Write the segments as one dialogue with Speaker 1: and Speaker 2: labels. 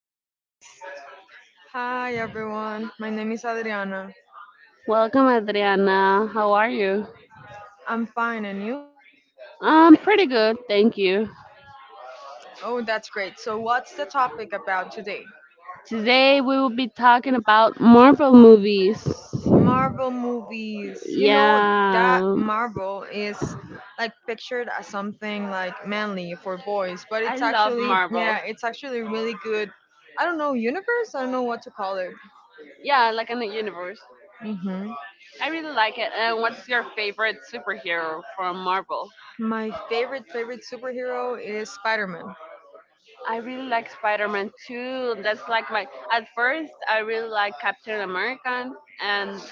Speaker 1: Special guest.
Speaker 2: Hi everyone, my name is Adriana.
Speaker 1: Welcome Adriana, how are you?
Speaker 2: I'm fine, and you?
Speaker 1: I'm pretty good, thank you.
Speaker 2: Oh, that's great. So, what's the topic about today?
Speaker 1: Today we will be talking about Marvel movies.
Speaker 2: Marvel movies. You know that
Speaker 1: Yeah,
Speaker 2: Marvel is like pictured as something like manly for boys, but
Speaker 1: I
Speaker 2: it's
Speaker 1: love
Speaker 2: actually,
Speaker 1: Marvel.
Speaker 2: yeah, it's actually really good. I don't know, universe? I don't know what to call it.
Speaker 1: Yeah, like in the universe.
Speaker 2: hmm
Speaker 1: I really like it. And what's your favorite superhero from Marvel?
Speaker 2: My favorite superhero is Spider Man.
Speaker 1: I really like Spider Man too. That's like my.
Speaker 2: Like
Speaker 1: At first, I really like Captain American, and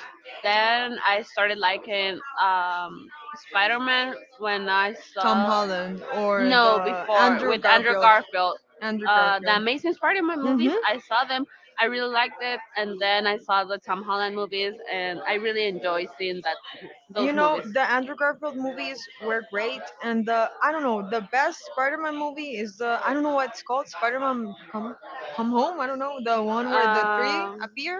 Speaker 1: then I started liking Spider Man when I
Speaker 2: Tom
Speaker 1: saw
Speaker 2: Holland or
Speaker 1: no
Speaker 2: the
Speaker 1: before
Speaker 2: Andrew
Speaker 1: with Andrew
Speaker 2: Garfield.
Speaker 1: Garfield.
Speaker 2: Andrew
Speaker 1: The
Speaker 2: Garfield.
Speaker 1: Amazing Spider-Man movies,
Speaker 2: Spider-Man.
Speaker 1: I saw them. I really liked it, and then I saw the Tom Holland movies, and I really enjoy seeing that
Speaker 2: You
Speaker 1: those
Speaker 2: know,
Speaker 1: movies.
Speaker 2: the Andrew Garfield movies were great, and the I don't know, the best Spider-Man movie is the I don't know what it's called, Spider-Man Come Home. I don't know, the one where the three
Speaker 1: Um,
Speaker 2: appear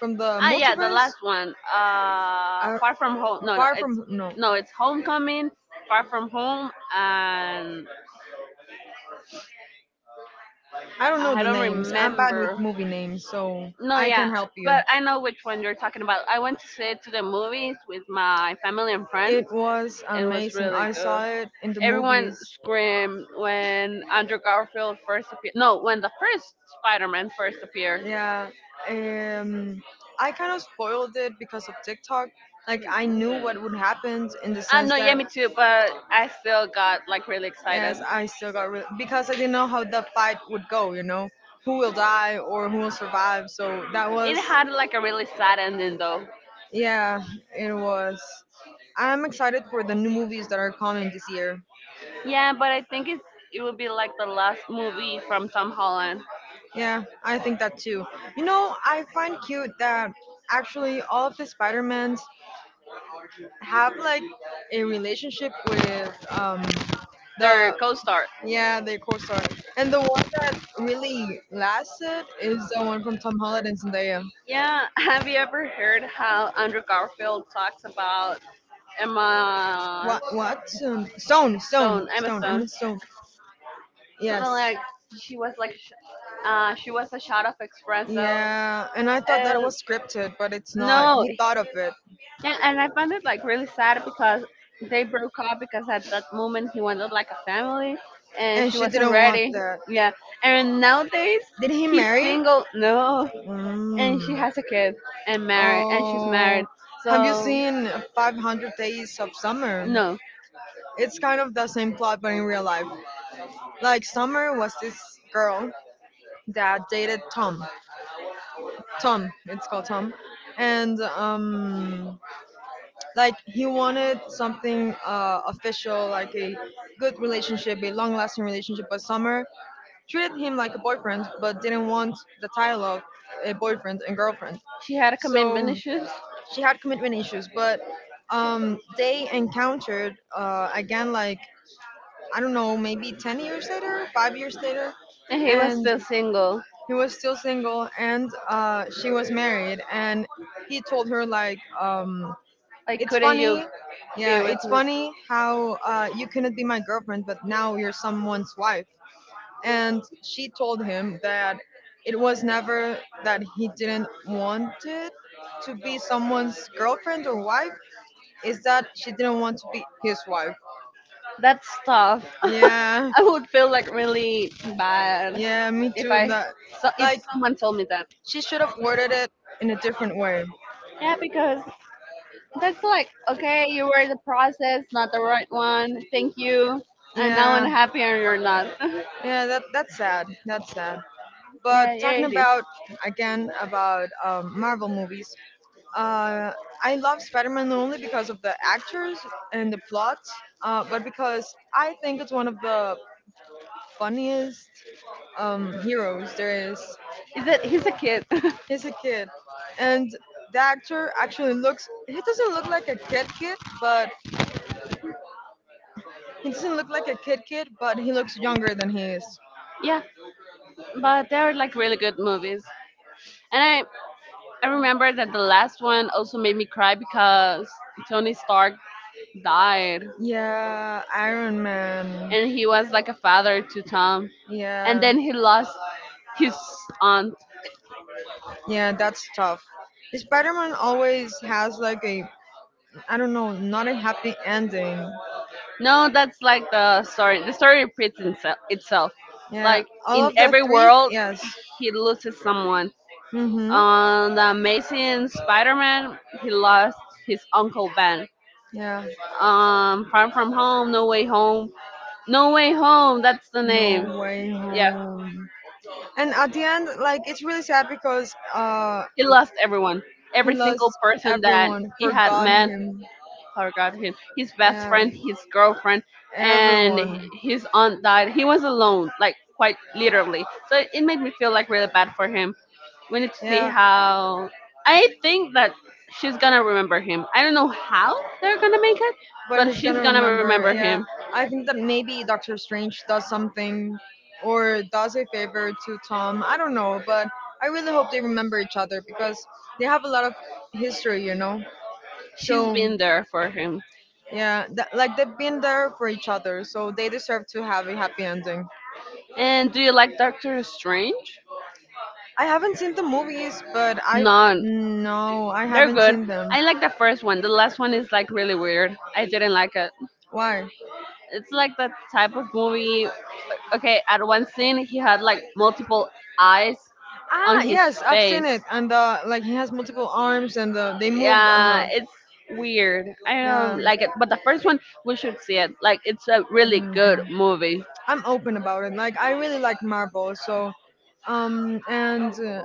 Speaker 2: from the, ah yes,
Speaker 1: Yeah, the
Speaker 2: multiverse.
Speaker 1: last one.
Speaker 2: I,
Speaker 1: Far From Home. No, no,
Speaker 2: Far
Speaker 1: it's
Speaker 2: from no,
Speaker 1: no, it's Homecoming, Far From Home, and
Speaker 2: I don't know
Speaker 1: I
Speaker 2: the
Speaker 1: don't
Speaker 2: names. I'm bad with
Speaker 1: remember.
Speaker 2: movie names, so
Speaker 1: No,
Speaker 2: I
Speaker 1: yeah,
Speaker 2: can help you.
Speaker 1: but I know which one you're talking about. I went to see it to the movies with my family and friends.
Speaker 2: It was
Speaker 1: It was
Speaker 2: amazing.
Speaker 1: really
Speaker 2: I
Speaker 1: good.
Speaker 2: saw it in the
Speaker 1: Everyone
Speaker 2: movies.
Speaker 1: screamed when Andrew Garfield first appeared. No, when the first Spider-Man first appeared.
Speaker 2: Yeah, um, I kind of spoiled it because of TikTok. Like I knew what would happen in the sense
Speaker 1: No, yeah,
Speaker 2: that
Speaker 1: me too. But I still got like really excited.
Speaker 2: yes, I still got really because I didn't know how the fight would go. You know, who will die or who will survive. So that
Speaker 1: It
Speaker 2: was,
Speaker 1: had like a really sad ending though.
Speaker 2: yeah, it was. I'm excited for the new movies that are coming this year.
Speaker 1: Yeah, but I think it will be like the last movie from Tom Holland,
Speaker 2: Yeah, I think that too. You know, I find cute that actually all of the Spider-Mans have like a relationship with the.
Speaker 1: their co-star.
Speaker 2: Yeah, the co-star. And the one that really lasted is the one from Tom Holland and Zendaya.
Speaker 1: Yeah, have you ever heard how Andrew Garfield talks about Emma
Speaker 2: What? What? Stone, Stone, Stone,
Speaker 1: Stone? Emma
Speaker 2: Stone.
Speaker 1: Stone,
Speaker 2: Emma Stone. Yes.
Speaker 1: something like she was like, sh- she was a shot of espresso.
Speaker 2: Yeah, and I thought that
Speaker 1: And
Speaker 2: was scripted, but it's not.
Speaker 1: no,
Speaker 2: He thought of it,
Speaker 1: yeah, and I found it like really sad because they broke up because at that moment he wanted like a family, and
Speaker 2: and
Speaker 1: she
Speaker 2: she
Speaker 1: wasn't
Speaker 2: didn't want
Speaker 1: ready.
Speaker 2: that.
Speaker 1: Yeah, and nowadays
Speaker 2: Did he
Speaker 1: he's
Speaker 2: marry?
Speaker 1: single. No, and she
Speaker 2: Mm.
Speaker 1: has a kid and married and she's
Speaker 2: Oh,
Speaker 1: married.
Speaker 2: have you
Speaker 1: So
Speaker 2: seen 500 Days of Summer?
Speaker 1: no,
Speaker 2: It's kind of the same plot but in real life. Like Summer was this girl that dated Tom. Tom, it's called Tom. And like he wanted something official, like a good relationship, a long lasting relationship, but Summer treated him like a boyfriend but didn't want the title of a boyfriend and girlfriend.
Speaker 1: she had a commitment
Speaker 2: So
Speaker 1: issues
Speaker 2: she had commitment issues, but they encountered again, like I don't know, maybe 10 years later, 5 years later.
Speaker 1: and he was
Speaker 2: And
Speaker 1: still single.
Speaker 2: he was still single and she was married. And he told her,
Speaker 1: Like
Speaker 2: it's
Speaker 1: couldn't you
Speaker 2: funny. Yeah,
Speaker 1: be with
Speaker 2: it's
Speaker 1: me?
Speaker 2: funny how, you couldn't be my girlfriend, but now you're someone's wife. And she told him that it was never that he didn't want it to be someone's girlfriend or wife, is that she didn't want to be his wife.
Speaker 1: That's tough.
Speaker 2: Yeah.
Speaker 1: I would feel like really bad
Speaker 2: Yeah, me
Speaker 1: if
Speaker 2: too.
Speaker 1: I
Speaker 2: That
Speaker 1: so if
Speaker 2: like
Speaker 1: someone told me that.
Speaker 2: she should have worded it in a different way.
Speaker 1: Yeah, because that's like, okay, you were the process, not the right one. Thank you. And now I'm
Speaker 2: Yeah.
Speaker 1: happy and you're not.
Speaker 2: Yeah, that's sad. That's sad. But
Speaker 1: Yeah, yeah,
Speaker 2: talking
Speaker 1: it is.
Speaker 2: about, again, about Marvel movies, uh, I love Spider-Man not only because of the actors and the plot, but because I think it's one of the funniest heroes there is.
Speaker 1: Is that he's a kid?
Speaker 2: He's a kid, and the actor actually looks. He doesn't look like a kid kid, but he doesn't look like a kid kid, but he looks younger than he is.
Speaker 1: yeah, but they're like really good movies. And I, I remember that the last one also made me cry because Tony Stark died
Speaker 2: Yeah, Iron Man.
Speaker 1: and he was like a father to Tom. And
Speaker 2: Yeah.
Speaker 1: then he lost his aunt.
Speaker 2: Yeah, that's tough. Spider Man always has like a, I don't know, not a happy ending.
Speaker 1: No, that's like the story. The story repeats itself.
Speaker 2: Yeah,
Speaker 1: Like
Speaker 2: all
Speaker 1: in
Speaker 2: of the
Speaker 1: every
Speaker 2: three,
Speaker 1: world,
Speaker 2: yes.
Speaker 1: he loses someone.
Speaker 2: Mm-hmm.
Speaker 1: On the Amazing Spider-Man, he lost his uncle Ben.
Speaker 2: Yeah.
Speaker 1: Far From Home, No Way Home, No Way Home. That's the name.
Speaker 2: No way
Speaker 1: Yeah,
Speaker 2: home. And at the end, like it's really sad because
Speaker 1: he lost everyone.
Speaker 2: he
Speaker 1: Every
Speaker 2: lost
Speaker 1: single person that
Speaker 2: everyone,
Speaker 1: he had
Speaker 2: forgot
Speaker 1: met,
Speaker 2: him.
Speaker 1: forgot him. His best
Speaker 2: Yeah,
Speaker 1: friend, his girlfriend, and
Speaker 2: everyone.
Speaker 1: his aunt died. He was alone, like quite literally. So it made me feel like really bad for him. We need to see
Speaker 2: Yeah,
Speaker 1: how. I think that she's gonna remember him. I don't know how they're gonna make it,
Speaker 2: but
Speaker 1: but
Speaker 2: he's
Speaker 1: she's
Speaker 2: gonna
Speaker 1: gonna
Speaker 2: remember.
Speaker 1: remember
Speaker 2: Yeah,
Speaker 1: him.
Speaker 2: I think that maybe Doctor Strange does something or does a favor to Tom. I don't know, but I really hope they remember each other because they have a lot of history, you know.
Speaker 1: She's
Speaker 2: So
Speaker 1: been there for him.
Speaker 2: yeah, like they've been there for each other, so they deserve to have a happy ending.
Speaker 1: And do you like Doctor Strange?
Speaker 2: I haven't seen the movies, but I
Speaker 1: None.
Speaker 2: no, I
Speaker 1: They're
Speaker 2: haven't
Speaker 1: good.
Speaker 2: seen them.
Speaker 1: I like the first one. The last one is like really weird. I didn't like it.
Speaker 2: Why?
Speaker 1: It's like the type of movie. Okay, at one scene he had like multiple eyes on
Speaker 2: Ah,
Speaker 1: his
Speaker 2: yes, I've seen
Speaker 1: face.
Speaker 2: it, and like he has multiple arms, and they move.
Speaker 1: Yeah,
Speaker 2: Uh-huh.
Speaker 1: it's weird. I
Speaker 2: Yeah.
Speaker 1: don't like it, but the first one we should see it. Like it's a really good
Speaker 2: Mhm.
Speaker 1: movie.
Speaker 2: I'm open about it. Like I really like Marvel, so and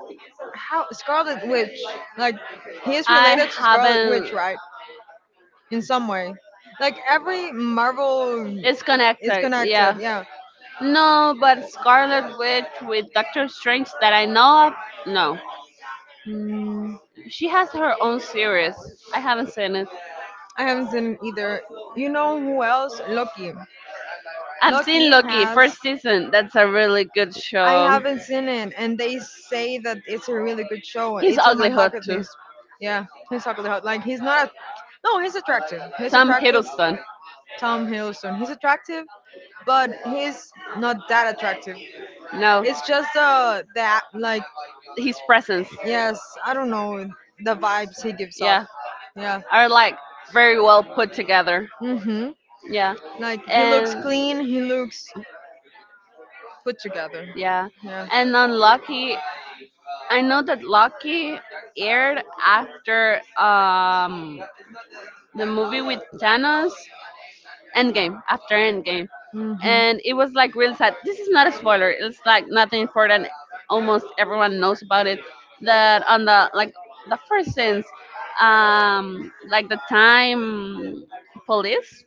Speaker 2: How Scarlet Witch? Like he is
Speaker 1: I
Speaker 2: related to Scarlet Witch,
Speaker 1: haven't.
Speaker 2: right? In some way. Like every Marvel
Speaker 1: It's
Speaker 2: is
Speaker 1: connected,
Speaker 2: connected.
Speaker 1: yeah.
Speaker 2: Yeah.
Speaker 1: No, but Scarlet Witch with Doctor Strange that I know of, no.
Speaker 2: Mm,
Speaker 1: She has her own series. I haven't seen it.
Speaker 2: I haven't seen it either. You know who else? Loki.
Speaker 1: I've
Speaker 2: Loki
Speaker 1: seen Loki
Speaker 2: has.
Speaker 1: first season. That's a really good
Speaker 2: I
Speaker 1: show.
Speaker 2: haven't seen it, and they say that it's a really good show.
Speaker 1: He's
Speaker 2: It's on my
Speaker 1: ugly hot
Speaker 2: bucket
Speaker 1: too.
Speaker 2: list. Yeah, he's chocolate hot. Like he's not. A, no, he's attractive. He's
Speaker 1: Tom
Speaker 2: attractive.
Speaker 1: Hiddleston.
Speaker 2: Tom Hiddleston. He's attractive, but he's not that attractive.
Speaker 1: No,
Speaker 2: It's just that like
Speaker 1: his presence.
Speaker 2: yes, I don't know, the vibes he gives off.
Speaker 1: Yeah,
Speaker 2: Yeah.
Speaker 1: are like very well put together.
Speaker 2: Mhm.
Speaker 1: Yeah,
Speaker 2: Like he looks
Speaker 1: and
Speaker 2: clean. He looks put together.
Speaker 1: yeah,
Speaker 2: Yeah.
Speaker 1: and on Loki, I know that Loki aired after the movie with Thanos. Endgame after Endgame,
Speaker 2: Mhm.
Speaker 1: and it was
Speaker 2: Mhm.
Speaker 1: like really sad. This is not a spoiler. It's like nothing important. Almost everyone knows about it. That on the like the first scenes, like the time police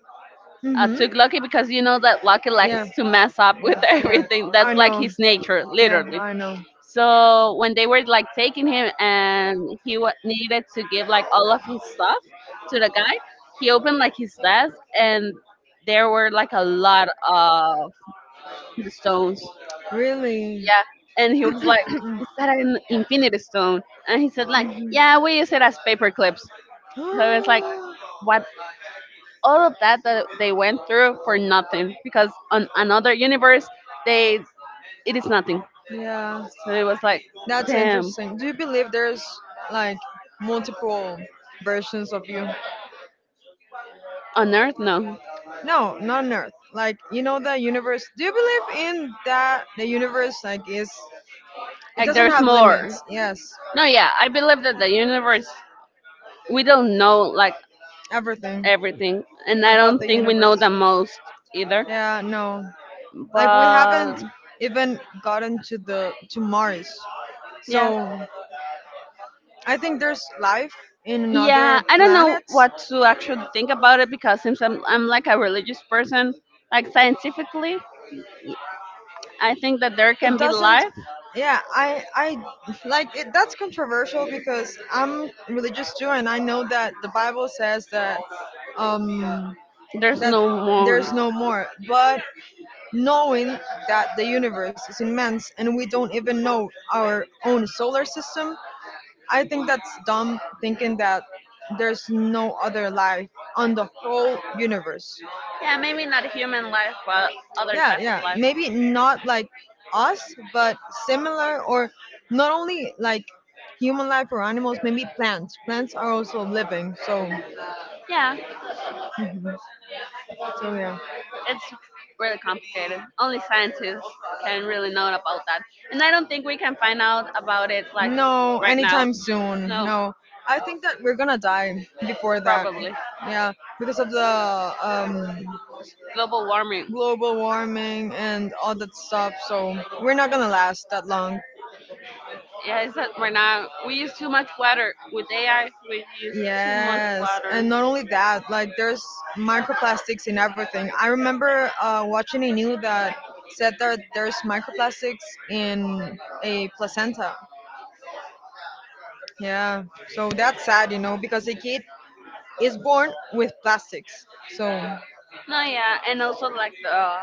Speaker 1: took Lucky because you know that Lucky likes
Speaker 2: Yeah. Yeah.
Speaker 1: to mess up with
Speaker 2: Yeah.
Speaker 1: everything.
Speaker 2: I
Speaker 1: That's like
Speaker 2: know.
Speaker 1: his nature,
Speaker 2: Yeah,
Speaker 1: literally.
Speaker 2: I know.
Speaker 1: So when they were like taking him and he wa needed to give like all of his stuff to the guy, he opened like his desk and there were like a lot of the stones.
Speaker 2: Really?
Speaker 1: Yeah, and he was like,
Speaker 2: Mhm.
Speaker 1: "Is that an infinity stone?" And he said like, "Yeah, we use it as paper clips." So it's like what all of that that they went through for nothing because on another universe they it is nothing.
Speaker 2: yeah,
Speaker 1: So it was like,
Speaker 2: that's
Speaker 1: damn,
Speaker 2: interesting. Do you believe there's like multiple versions of you?
Speaker 1: on Earth no.
Speaker 2: No, not on Earth. Like you know the universe. Do you believe in that the universe like is, it
Speaker 1: Like
Speaker 2: doesn't
Speaker 1: there's
Speaker 2: have
Speaker 1: more
Speaker 2: limits? Yes,
Speaker 1: no yeah I believe that the universe we don't know like
Speaker 2: everything
Speaker 1: everything, and I
Speaker 2: about
Speaker 1: don't
Speaker 2: the
Speaker 1: think we
Speaker 2: universe.
Speaker 1: know the most either.
Speaker 2: Yeah, no. Like we
Speaker 1: But
Speaker 2: haven't even gotten to the to Mars.
Speaker 1: yeah,
Speaker 2: So I think there's life in
Speaker 1: yeah,
Speaker 2: another
Speaker 1: I don't know
Speaker 2: planets.
Speaker 1: what to actually think about it because I'm like a religious person, like scientifically I think that there
Speaker 2: It
Speaker 1: can be
Speaker 2: doesn't,
Speaker 1: life.
Speaker 2: yeah, I like it, that's controversial because I'm religious too and I know that the Bible says that um
Speaker 1: There's
Speaker 2: that
Speaker 1: no
Speaker 2: there's
Speaker 1: more.
Speaker 2: no more. But knowing that the universe is immense and we don't even know our own solar system, I think that's dumb thinking that there's no other life on the whole universe.
Speaker 1: Yeah, maybe not human life, but other
Speaker 2: Yeah,
Speaker 1: type of
Speaker 2: yeah.
Speaker 1: life.
Speaker 2: Maybe not like us, but similar or not only like human life or animals, maybe plants. Plants are also living. So,
Speaker 1: Yeah,
Speaker 2: Mhm. so yeah.
Speaker 1: it's really complicated. Only scientists can really know about that. And I don't think we can find out about it
Speaker 2: No,
Speaker 1: like
Speaker 2: now.
Speaker 1: right now.
Speaker 2: Anytime soon.
Speaker 1: No,
Speaker 2: No, I think that we're gonna die before that.
Speaker 1: probably.
Speaker 2: Yeah, because of the
Speaker 1: Global warming.
Speaker 2: global warming and all that stuff. So we're not gonna last that long.
Speaker 1: Yeah, it's that right now we use too much water. With AI, we use too much
Speaker 2: Yes,
Speaker 1: water.
Speaker 2: and not only that, like there's microplastics in everything. I remember watching a news that said that there's microplastics in a placenta. Yeah, so that's sad, you know, because a kid is born with plastics. So,
Speaker 1: No, yeah, and also like the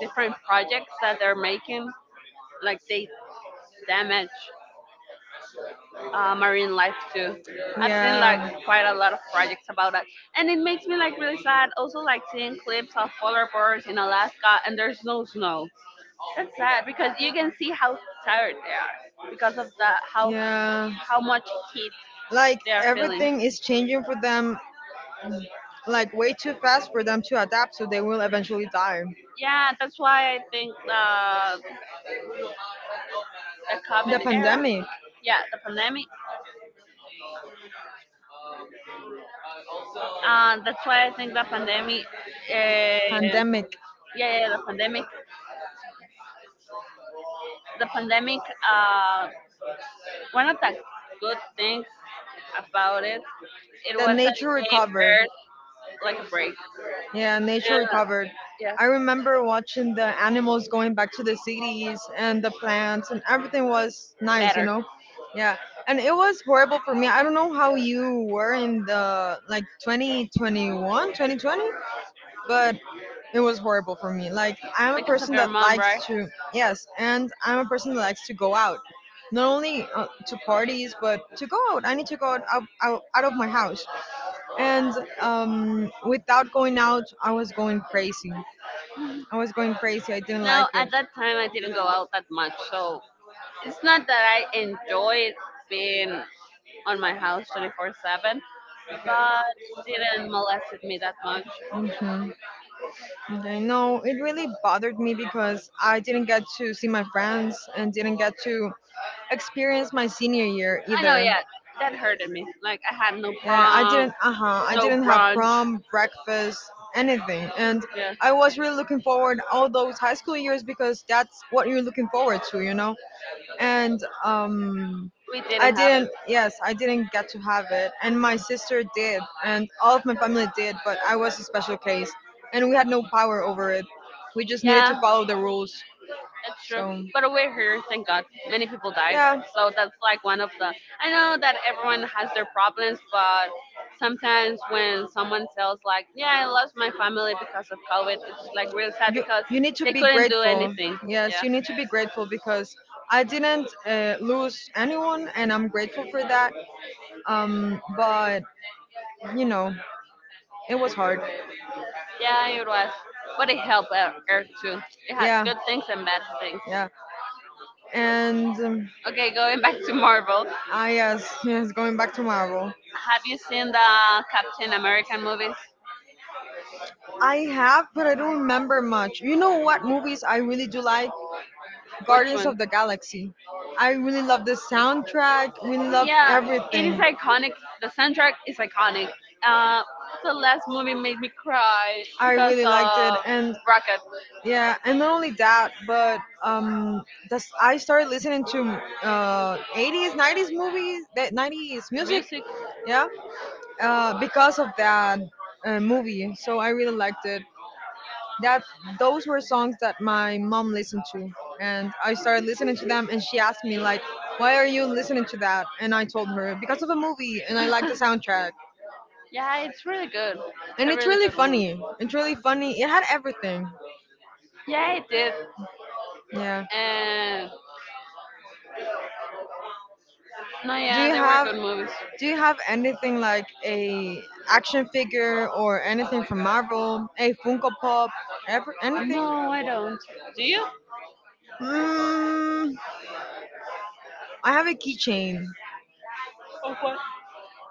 Speaker 1: different projects that they're making, like they damage marine life too. I've seen like
Speaker 2: yeah.
Speaker 1: quite a lot of projects about that, and it makes me like really sad. Also, like seeing clips of polar bears in Alaska and there's no snow. That's sad because you can see how tired they are because of the how
Speaker 2: Yeah.
Speaker 1: how much heat
Speaker 2: Like
Speaker 1: they are feeling.
Speaker 2: everything is changing for them, like way too fast for them to adapt, so they will eventually die.
Speaker 1: Yeah, that's why I think the
Speaker 2: The
Speaker 1: COVID era,
Speaker 2: pandemic,
Speaker 1: yeah, the pandemic, and that's why I think the pandemic, uh, yeah,
Speaker 2: pandemic,
Speaker 1: yeah, the pandemic, the pandemic. Uh, one of the good things about it, it
Speaker 2: the
Speaker 1: was that
Speaker 2: nature
Speaker 1: it gave
Speaker 2: recovered.
Speaker 1: Earth like a break.
Speaker 2: Yeah,
Speaker 1: Yeah,
Speaker 2: nature recovered.
Speaker 1: yeah,
Speaker 2: I remember watching the animals going back to the cities and the plants and everything was nice, you
Speaker 1: better
Speaker 2: know. Yeah, and it was horrible for me. I don't know how you were in the like 2021, 2020. But it was horrible for me. Like I'm a
Speaker 1: because of
Speaker 2: person
Speaker 1: your
Speaker 2: that
Speaker 1: mom,
Speaker 2: likes
Speaker 1: right?
Speaker 2: to yes, and I'm a person that likes to go out, not only to parties but to go out. I need to go out of my house, and without going out, I was going crazy. I was going crazy. I didn't like
Speaker 1: Now
Speaker 2: it.
Speaker 1: at that time I didn't go out that much, so it's not that I enjoyed being on my house 24/7, but it didn't molested me that much.
Speaker 2: Mhm. I know it really bothered me because I didn't get to see my friends and didn't get to experience my senior year
Speaker 1: I know,
Speaker 2: either.
Speaker 1: yeah. That hurted me. Like I had no
Speaker 2: Yeah, I
Speaker 1: prom,
Speaker 2: didn't. Uh huh. I
Speaker 1: no
Speaker 2: didn't have
Speaker 1: brunch.
Speaker 2: prom, breakfast, anything, and
Speaker 1: Yeah,
Speaker 2: I was really looking forward all those high school years because that's what you're looking forward to, you know, and
Speaker 1: we
Speaker 2: I
Speaker 1: didn't have it.
Speaker 2: didn't. Yes, I didn't get to have it, and my sister did, and all of my family did, but I was a special case, and we had no power over it. We just needed
Speaker 1: Yeah,
Speaker 2: to follow the rules.
Speaker 1: that's true.
Speaker 2: So
Speaker 1: But we're here, thank God. Many people died,
Speaker 2: yeah,
Speaker 1: so that's like one of the. I know that everyone has their problems, but sometimes when someone tells like, "Yeah, I lost my family because of COVID," it's like really sad
Speaker 2: you
Speaker 1: because
Speaker 2: you need to
Speaker 1: they
Speaker 2: be
Speaker 1: couldn't do
Speaker 2: grateful.
Speaker 1: anything.
Speaker 2: Yes,
Speaker 1: Yeah,
Speaker 2: you need to be grateful because I didn't lose anyone, and I'm grateful for that. But you know, it was hard.
Speaker 1: yeah, it was. But it helped Earth too. It had
Speaker 2: Yeah,
Speaker 1: good things and bad things.
Speaker 2: yeah, and.
Speaker 1: Okay, going back to Marvel.
Speaker 2: Ah, yes, yes, going back to Marvel.
Speaker 1: Have you seen the Captain American movies?
Speaker 2: I have, but I don't remember much. You know what movies I really do like?
Speaker 1: Which
Speaker 2: Guardians
Speaker 1: one?
Speaker 2: of the Galaxy. I really love the soundtrack, really love
Speaker 1: Yeah, it is
Speaker 2: everything.
Speaker 1: iconic. The soundtrack is iconic. Uh, the last movie made me cry
Speaker 2: I
Speaker 1: because
Speaker 2: really liked it,
Speaker 1: of
Speaker 2: and
Speaker 1: Rocket
Speaker 2: yeah, and not only that, but I started listening to 80s, 90s movies, that 90s music,
Speaker 1: music.
Speaker 2: yeah, because of that movie. So I really liked it. That Those were songs that my mom listened to, and I started listening to them. And she asked me like, "Why are you listening to that?" And I told her because of a movie, and I like the soundtrack.
Speaker 1: Yeah, it's really good. It's
Speaker 2: And
Speaker 1: a
Speaker 2: it's
Speaker 1: really
Speaker 2: really
Speaker 1: good movie.
Speaker 2: funny. It's really funny. It had everything.
Speaker 1: Yeah, it did.
Speaker 2: Yeah.
Speaker 1: And no,
Speaker 2: Do
Speaker 1: yeah,
Speaker 2: you
Speaker 1: they were
Speaker 2: have
Speaker 1: good movies.
Speaker 2: do you have anything like a action figure or anything from Marvel? A Funko Pop? Ever anything?
Speaker 1: No, I don't. Do you?
Speaker 2: Mm, I have a keychain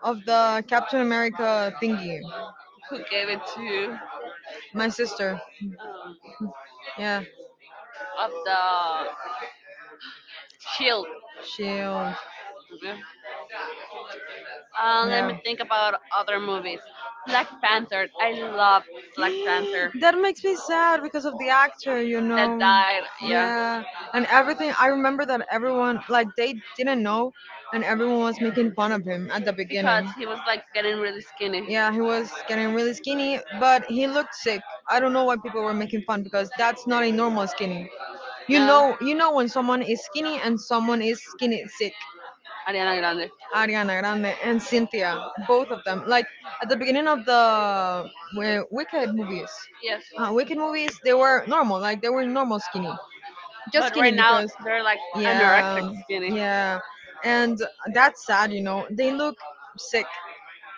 Speaker 2: of the Captain America thingy.
Speaker 1: Who gave it to you?
Speaker 2: My sister.
Speaker 1: Um,
Speaker 2: Yeah.
Speaker 1: of the Shield?
Speaker 2: Shield.
Speaker 1: Let me
Speaker 2: Yeah.
Speaker 1: think about other movies. Black Panther. I love Black Panther.
Speaker 2: that makes me sad because of the actor, you
Speaker 1: That
Speaker 2: know.
Speaker 1: died, yeah,
Speaker 2: Yeah. And everything, I remember that everyone like they didn't know and everyone was making fun of him at the
Speaker 1: because
Speaker 2: beginning.
Speaker 1: he was like getting really skinny.
Speaker 2: Yeah, he was getting really skinny, but he looked sick. I don't know why people were making fun because that's not a normal skinny.
Speaker 1: No,
Speaker 2: You know when someone is skinny and someone is skinny sick.
Speaker 1: Ariana Grande.
Speaker 2: Ariana Grande and Cynthia, both of them. Like at the beginning of the uh, Wicked movies,
Speaker 1: Yes,
Speaker 2: Wicked movies, they were normal, like they were normal skinny, just
Speaker 1: but
Speaker 2: skinny
Speaker 1: right now they're like anorexic
Speaker 2: yeah,
Speaker 1: skinny,
Speaker 2: yeah, and that's sad. They look sick.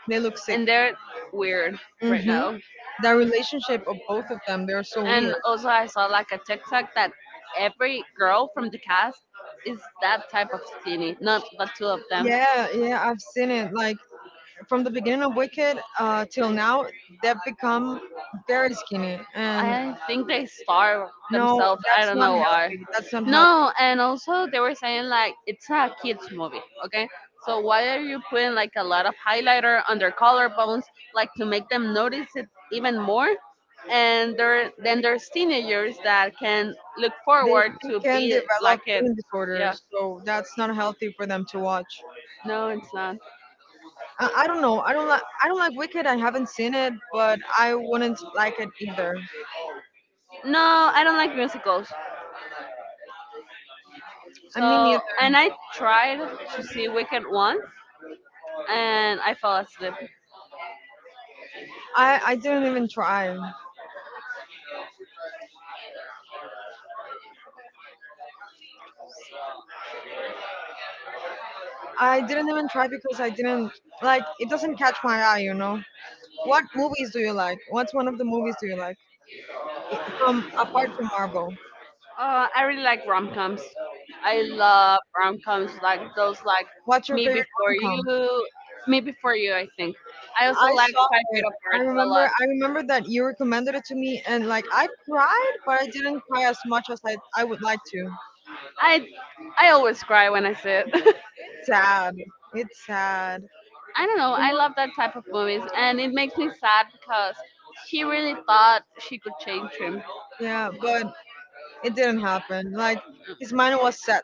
Speaker 2: They look sick.
Speaker 1: and they're weird right
Speaker 2: Mm-hmm.
Speaker 1: now.
Speaker 2: The relationship of both of them, they're so
Speaker 1: And
Speaker 2: weird.
Speaker 1: also, I saw like a TikTok that every girl from the cast is that type of skinny, not the two of them.
Speaker 2: Yeah, yeah, I've seen it. Like from the beginning of Wicked till now, they've become very skinny, and
Speaker 1: I think they starve
Speaker 2: no,
Speaker 1: themselves. I
Speaker 2: that's
Speaker 1: don't
Speaker 2: not
Speaker 1: know why.
Speaker 2: healthy. That's not healthy.
Speaker 1: No, and also they were saying like it's a kids movie, okay? So why are you putting like a lot of highlighter on their collarbones, like to make them notice it even more? And there then there's teenagers that can look
Speaker 2: They,
Speaker 1: forward
Speaker 2: they
Speaker 1: to
Speaker 2: can
Speaker 1: be
Speaker 2: develop
Speaker 1: like it.
Speaker 2: eating
Speaker 1: Yeah.
Speaker 2: disorders, so that's not healthy for them to watch.
Speaker 1: No, it's not.
Speaker 2: I don't know. I don't like Wicked. I haven't seen it, but I wouldn't like it either.
Speaker 1: No, I don't like musicals.
Speaker 2: I mean,
Speaker 1: So
Speaker 2: neither.
Speaker 1: and I tried to see Wicked once, and I fell asleep.
Speaker 2: I didn't even try. I didn't even try because I didn't like. It doesn't catch my eye. What movies do you like? What's one of the movies do you like? From apart from Marvel,
Speaker 1: I really like rom coms. I love rom coms like those like
Speaker 2: what's your
Speaker 1: Me
Speaker 2: favorite
Speaker 1: Before
Speaker 2: rom-com?
Speaker 1: You, Me Before You. I think. I also
Speaker 2: I
Speaker 1: like
Speaker 2: saw
Speaker 1: Five Feet
Speaker 2: it. I
Speaker 1: Apart a
Speaker 2: remember.
Speaker 1: lot.
Speaker 2: I remember that you recommended it to me, and like I cried, but I didn't cry as much as I would like to.
Speaker 1: I I always cry when I see it.
Speaker 2: Sad. It's sad.
Speaker 1: I don't know. I love that type of movies, and it makes me sad because she really thought she could change him.
Speaker 2: Yeah, but it didn't happen. Like his mind was set.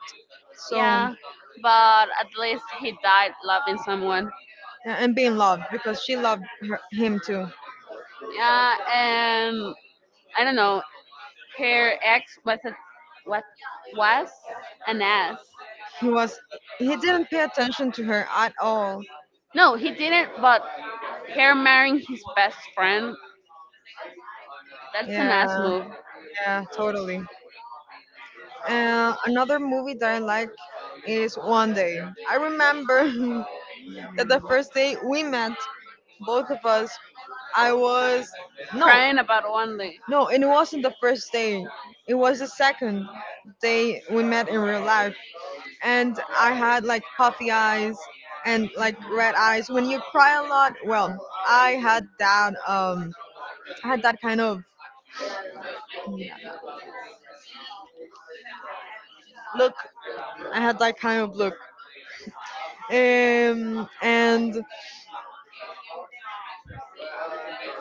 Speaker 2: So
Speaker 1: Yeah, but at least he died loving someone.
Speaker 2: yeah, and being loved because she loved her, him too.
Speaker 1: Yeah, and I don't know. Her ex was a what was an ass.
Speaker 2: He was he didn't pay attention to her at all.
Speaker 1: No, he didn't. But her marrying his best friend, that's an ass
Speaker 2: Yeah,
Speaker 1: move.
Speaker 2: yeah, totally. Another movie that I like is One Day. I remember that the first day we met, both of us, I was no,
Speaker 1: Crying about one only.
Speaker 2: no, and it wasn't the first day. It was the second day we met in real life, and I had like puffy eyes and like red eyes. When you cry a lot, well, I had that um, I had that kind of I had that kind of look. And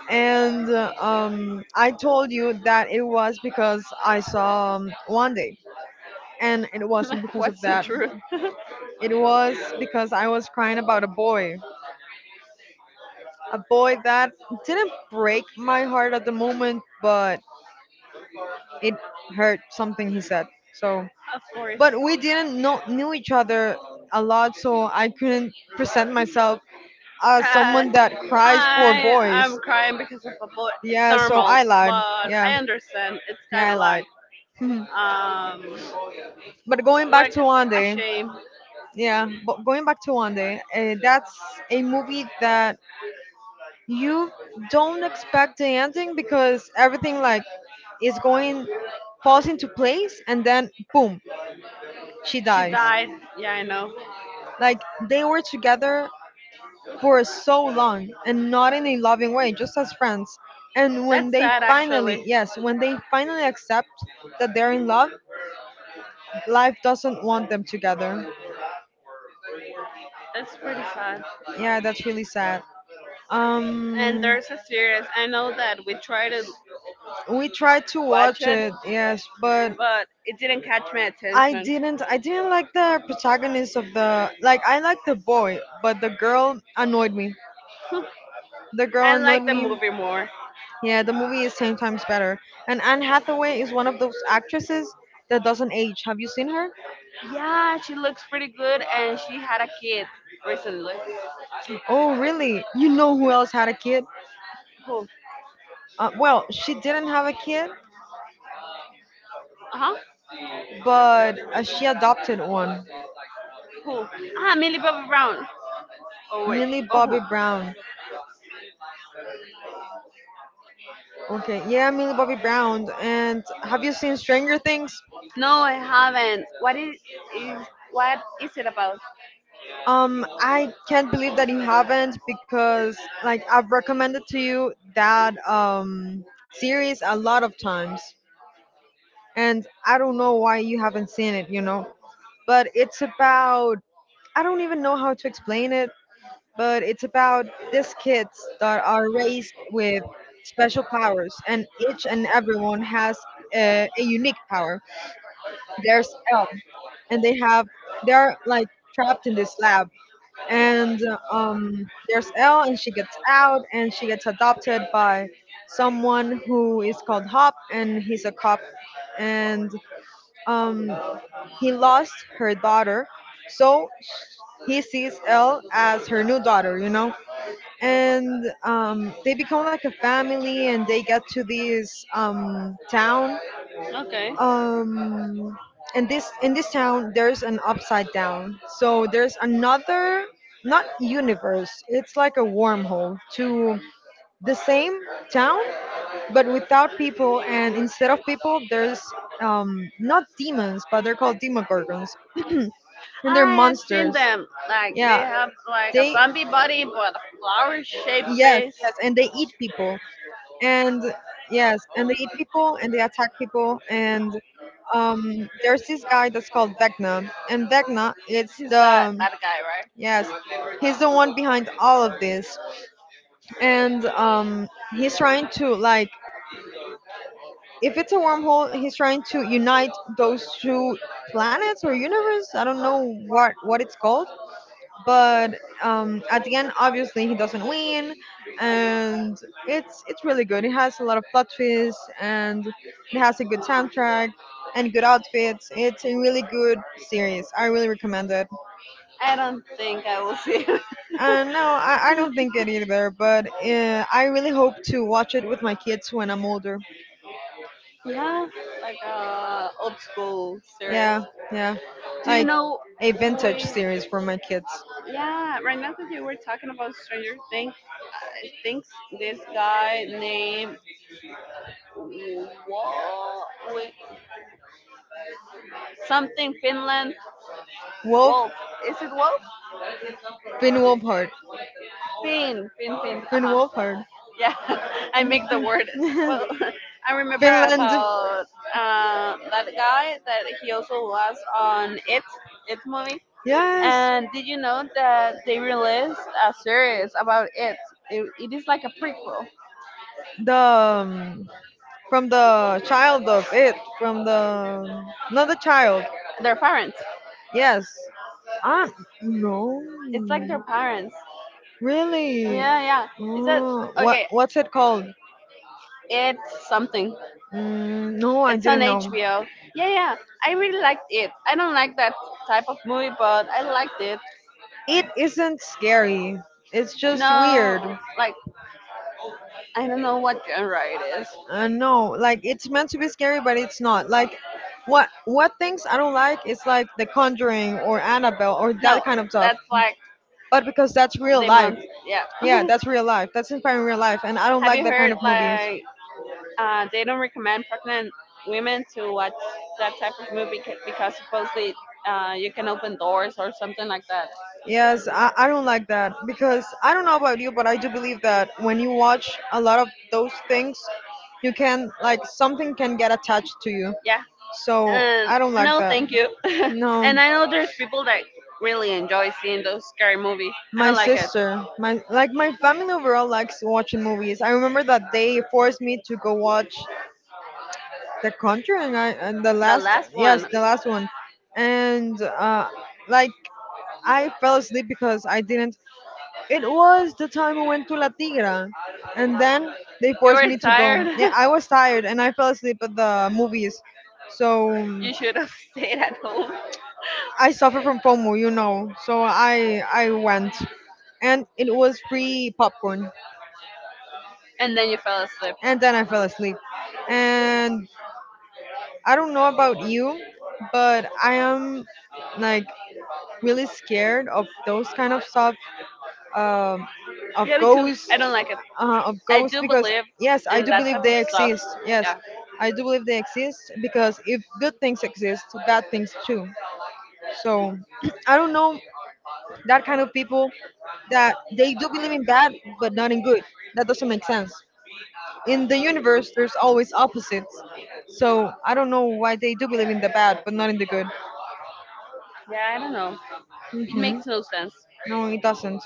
Speaker 2: I told you that it was because I saw one day, and it wasn't because of
Speaker 1: What's the
Speaker 2: that.
Speaker 1: truth?
Speaker 2: It was because I was crying about a boy that didn't break my heart at the moment, but it hurt something he said. So,
Speaker 1: Of course.
Speaker 2: but we didn't know knew each other a lot, so I couldn't present myself as
Speaker 1: Uh,
Speaker 2: someone that cries for
Speaker 1: hi,
Speaker 2: boys.
Speaker 1: I'm crying because of a boy. It's
Speaker 2: Yeah, so
Speaker 1: normal,
Speaker 2: I lied.
Speaker 1: but
Speaker 2: Yeah,
Speaker 1: I understand. It's
Speaker 2: yeah,
Speaker 1: kind
Speaker 2: I
Speaker 1: of
Speaker 2: lied.
Speaker 1: like
Speaker 2: But going back to One Day, yeah, but going back to One Day, that's a movie that you don't expect the ending because everything like is going falls into place and then boom, she dies. Like they were together for so long and not in a loving way, just as friends. And when they finally, yes, when they finally accept that they're in love, life doesn't want them together. Yeah, that's really sad. Um, we tried to watch it, yes, but I didn't like the protagonist of the like I like the boy but the girl annoyed me, the girl annoyed me. Yeah, the movie is 10 times better, and Anne Hathaway is one of those actresses that doesn't age. Have you seen her? Oh, really? You know who else had a kid? Well, she didn't have a kid, but she adopted one. Millie Bobby Brown. Okay, yeah, Millie Bobby Brown. And have you seen Stranger Things? I can't believe that you haven't, because like I've recommended to you that series a lot of times, and I don't know why you haven't seen it, you know. But it's about I don't even know how to explain it, but it's about these kids that are raised with special powers, and each and everyone has a unique power. There's Elm and they have, they're like, trapped in this lab, and um, there's Elle, and she gets out, and she gets adopted by someone who is called Hop, and he's a cop, and um, he lost her daughter, so he sees Elle as her new daughter, you know, and they become like a family, and they get to this town.
Speaker 1: okay.
Speaker 2: um in this town there's an upside down, so there's another, not universe, it's like a wormhole to the same town, but without people, and instead of people there's not demons, but they're called demogorgons, and they're
Speaker 1: I have seen
Speaker 2: monsters.
Speaker 1: them. Like they
Speaker 2: Yeah,
Speaker 1: have like a
Speaker 2: they
Speaker 1: zombie body but a flower shaped
Speaker 2: yes,
Speaker 1: face.
Speaker 2: yes, and they eat people and yes, and they eat people and they attack people. And there's this guy that's called Vecna, and Vecna it's
Speaker 1: He's that
Speaker 2: the,
Speaker 1: that guy, right?
Speaker 2: yes, he's the one behind all of this, and he's trying to like, if it's a wormhole, he's trying to unite those two planets or universe. I don't know what it's called, but at the end, obviously, he doesn't win, and it's really good. It has a lot of plot twists, and it has a good soundtrack and good outfits. It's a really good series. I really recommend it.
Speaker 1: I don't think I will see it.
Speaker 2: And no, I don't think it either, but I really hope to watch it with my kids when I'm older.
Speaker 1: Yeah, like a old school series.
Speaker 2: Yeah, yeah,
Speaker 1: Do you
Speaker 2: like
Speaker 1: know?
Speaker 2: a vintage
Speaker 1: Wait,
Speaker 2: series for my kids.
Speaker 1: yeah, right now that you were talking about Stranger Things, I think this guy named Wolf, something Finland
Speaker 2: Wolf,
Speaker 1: Wolf. Is it Wolf?
Speaker 2: Finn Wolfhard,
Speaker 1: Finn, Finn, Finn. Uh
Speaker 2: Finn
Speaker 1: huh.
Speaker 2: Wolfhard,
Speaker 1: Yeah, I mixed the word. Well, I remember
Speaker 2: Finland.
Speaker 1: about that guy that he also was on It movie.
Speaker 2: Yes.
Speaker 1: And did you know that they released a series about it? It is like a prequel.
Speaker 2: Is like a prequel. The from the child of it, from the, not the child.
Speaker 1: Their parents.
Speaker 2: Yes. Ah, no.
Speaker 1: It's like
Speaker 2: It's,
Speaker 1: their parents.
Speaker 2: really? It's,
Speaker 1: Yeah, yeah. Is that
Speaker 2: oh, oh, what
Speaker 1: okay?
Speaker 2: what's it called?
Speaker 1: It's something.
Speaker 2: Mm, no, I
Speaker 1: It's
Speaker 2: it's on,
Speaker 1: on
Speaker 2: didn't know.
Speaker 1: HBO. Yeah, yeah. I really liked it. I don't like that type of movie, but I liked it.
Speaker 2: It isn't scary. It's just
Speaker 1: No,
Speaker 2: weird.
Speaker 1: like I don't know what genre it is.
Speaker 2: No, like it's meant to be scary, but it's not. Like what things I don't like is like The Conjuring or Annabelle or
Speaker 1: No,
Speaker 2: that kind of stuff.
Speaker 1: that's like
Speaker 2: But because that's real
Speaker 1: the
Speaker 2: life,
Speaker 1: month. Yeah.
Speaker 2: yeah, that's real life. That's inspiring real life, and I don't
Speaker 1: Have
Speaker 2: like
Speaker 1: you
Speaker 2: that kind
Speaker 1: heard
Speaker 2: of movies.
Speaker 1: like they don't recommend pregnant women to watch that type of movie because supposedly you can open doors or something like that.
Speaker 2: Yes, I don't like that because I don't know about you, but I do believe that when you watch a lot of those things, you can like, something can get attached to you.
Speaker 1: Yeah.
Speaker 2: So
Speaker 1: Um,
Speaker 2: I don't like
Speaker 1: no,
Speaker 2: that.
Speaker 1: thank you.
Speaker 2: No.
Speaker 1: And I know there's people that really enjoy seeing those scary movies. I
Speaker 2: My
Speaker 1: don't like it.
Speaker 2: sister, my like my family overall likes watching movies. I remember that they forced me to go watch The Conjuring I, and the
Speaker 1: The
Speaker 2: last,
Speaker 1: last
Speaker 2: yes,
Speaker 1: one,
Speaker 2: the last one. And like I fell asleep because I didn't it was the time I went to La Tigra and then they
Speaker 1: you
Speaker 2: forced
Speaker 1: were
Speaker 2: me to go.
Speaker 1: tired.
Speaker 2: Yeah, I was tired and I fell asleep at the movies. So
Speaker 1: You should have stayed at home.
Speaker 2: I suffer from FOMO, you know. So I went, and it was free popcorn,
Speaker 1: And then you fell asleep.
Speaker 2: and then I fell asleep. And I don't know about you, but I am like really scared of those kind of stuff, um, of
Speaker 1: Yeah, me too.
Speaker 2: ghosts,
Speaker 1: I don't like it.
Speaker 2: of
Speaker 1: I
Speaker 2: ghosts
Speaker 1: do
Speaker 2: because
Speaker 1: believe
Speaker 2: yes, I
Speaker 1: in
Speaker 2: do
Speaker 1: that
Speaker 2: believe
Speaker 1: type of
Speaker 2: they
Speaker 1: stuff.
Speaker 2: exist. Yes,
Speaker 1: Yeah.
Speaker 2: I do believe they exist because if good things exist, bad things too. So I don't know that kind of people that they do believe in bad but not in good. That doesn't make sense. In the universe, there's always opposites. So I don't know why they do believe in the bad but not in the good.
Speaker 1: Yeah, I don't know. It
Speaker 2: Hmm.
Speaker 1: makes no sense.
Speaker 2: No, it doesn't.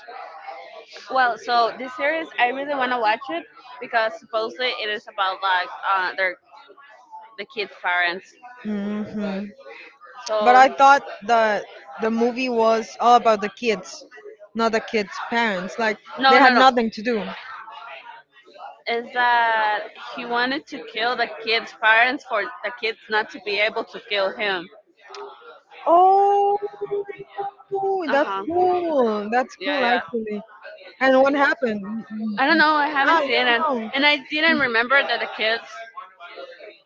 Speaker 1: Well, so this series, I really want to watch it because supposedly it is about like the kid's parents.
Speaker 2: Hmm. But
Speaker 1: So
Speaker 2: I thought the movie was all about the kids, not the kids' parents. Like they
Speaker 1: no,
Speaker 2: had
Speaker 1: no, no.
Speaker 2: nothing to do.
Speaker 1: Is that he wanted to kill the kid's parents for the kids not to be able to kill him?
Speaker 2: Oh,
Speaker 1: Uh
Speaker 2: that's
Speaker 1: huh.
Speaker 2: cool. That's
Speaker 1: Yeah,
Speaker 2: cool,
Speaker 1: yeah.
Speaker 2: actually. And what happened?
Speaker 1: I don't know. I
Speaker 2: Ah,
Speaker 1: haven't
Speaker 2: you
Speaker 1: seen it,
Speaker 2: don't know.
Speaker 1: and I didn't remember that the kids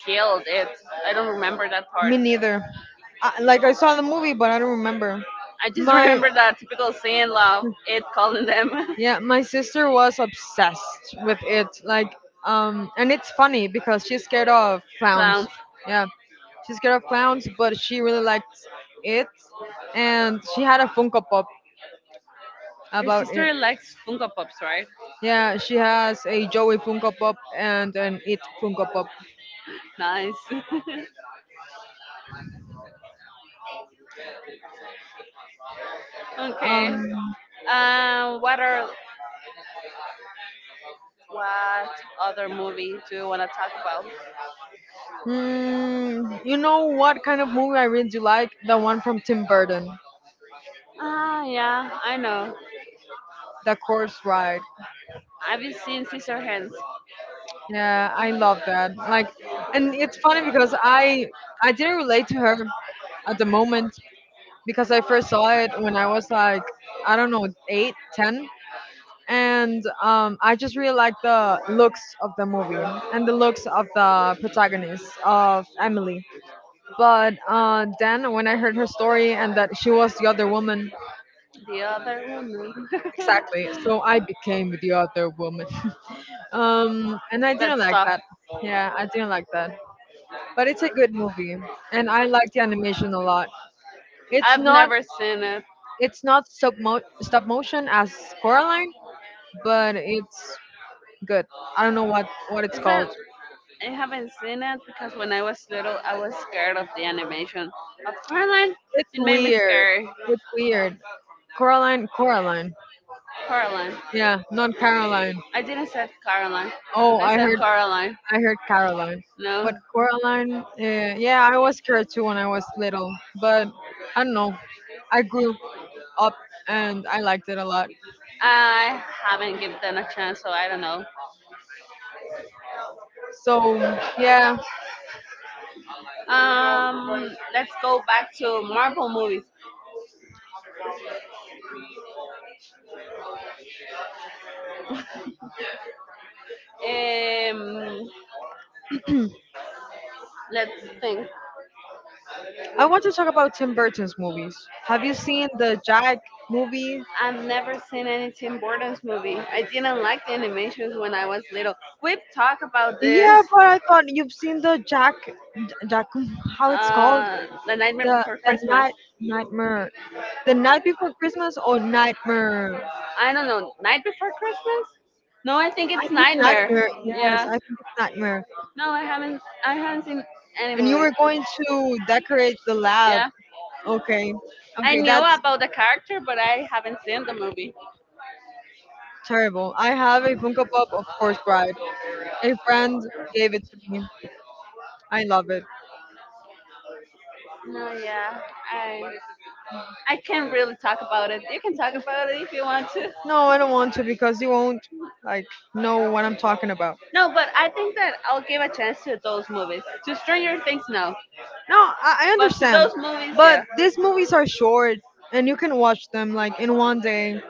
Speaker 1: killed it. I don't remember that part.
Speaker 2: Me neither. Like I saw the movie, but I don't remember.
Speaker 1: I just
Speaker 2: My
Speaker 1: remember that typical scene, love, it calling them
Speaker 2: yeah, my sister was obsessed with it. Like and it's funny because she's scared of clowns.
Speaker 1: clowns.
Speaker 2: Yeah, she's scared of clowns, but she really liked it, and she had a Funko Pop
Speaker 1: Your
Speaker 2: about it.
Speaker 1: sister likes Funko Pops, right?
Speaker 2: Yeah, she has a Joey Funko Pop and an It Funko Pop.
Speaker 1: Nice. Okay.
Speaker 2: Um,
Speaker 1: Um, what are what other movie do you want to talk about?
Speaker 2: mm, you know what kind of movie I really do like? The one from Tim Burton,
Speaker 1: Ah, yeah, I know.
Speaker 2: The Corpse Ride.
Speaker 1: I've been seeing Sister Hands.
Speaker 2: Yeah, I love that. Like, and it's funny because I didn't relate to her at the moment because I first saw it when I was like I don't know, eight, ten, and I just really like the looks of the movie and the looks of the protagonist of Emily. But then when I heard her story and that she was the other woman,
Speaker 1: The other one.
Speaker 2: exactly. So I became the other woman, and I
Speaker 1: That
Speaker 2: didn't like
Speaker 1: stuff.
Speaker 2: that. Yeah, I didn't like that. But it's a good movie, and I like the animation a lot. It's
Speaker 1: I've
Speaker 2: not
Speaker 1: never seen it.
Speaker 2: it's not stop motion as Coraline, but it's good. I don't know what it's
Speaker 1: Is that
Speaker 2: called.
Speaker 1: I haven't seen it because when I was little, I was scared of the animation of Coraline.
Speaker 2: It's
Speaker 1: It made me
Speaker 2: weird.
Speaker 1: scared.
Speaker 2: It's weird. Coraline.
Speaker 1: Coraline.
Speaker 2: Yeah, not Caroline.
Speaker 1: I didn't said Caroline.
Speaker 2: Oh,
Speaker 1: I said Caroline.
Speaker 2: I heard Caroline, but
Speaker 1: No,
Speaker 2: Coraline. Yeah, I was scared too when I was little, but I don't know. I grew up and I liked it a lot.
Speaker 1: I haven't given them a chance, so I don't know.
Speaker 2: So yeah,
Speaker 1: Let's go back to Marvel movies. Um, let's think.
Speaker 2: I want to talk about Tim Burton's movies. Have you seen the Jack movie?
Speaker 1: I've never seen any Tim Burton's movie. I didn't like the animations when I was little. We've talked about this.
Speaker 2: Yeah, but I thought you've seen the Jack, how it's called,
Speaker 1: The Nightmare Before
Speaker 2: the
Speaker 1: Christmas.
Speaker 2: nightmare, The Night Before Christmas or Nightmare? I
Speaker 1: I don't know. Night Before Christmas? No, I
Speaker 2: think
Speaker 1: think it's
Speaker 2: it's
Speaker 1: Nightmare.
Speaker 2: Nightmare. Yes,
Speaker 1: Yeah.
Speaker 2: I think it's Nightmare.
Speaker 1: No, I haven't. I haven't seen any
Speaker 2: And you
Speaker 1: movie.
Speaker 2: were going to decorate the lab.
Speaker 1: Yeah,
Speaker 2: Okay.
Speaker 1: I
Speaker 2: Okay,
Speaker 1: knew
Speaker 2: that's
Speaker 1: about the character, but I haven't seen the movie.
Speaker 2: terrible. I have a Funko Pop of Horse Bride. A friend gave it to me. I love it.
Speaker 1: No, yeah, I I can't really talk about it. You can talk about it if you want to.
Speaker 2: No, I don't want to because you won't like know what I'm talking about.
Speaker 1: No, but I think that I'll give a chance to those movies. To Stranger Things, no,
Speaker 2: No, I
Speaker 1: but to
Speaker 2: understand.
Speaker 1: those movies,
Speaker 2: But
Speaker 1: yeah,
Speaker 2: these movies are short and you can watch them like in one day.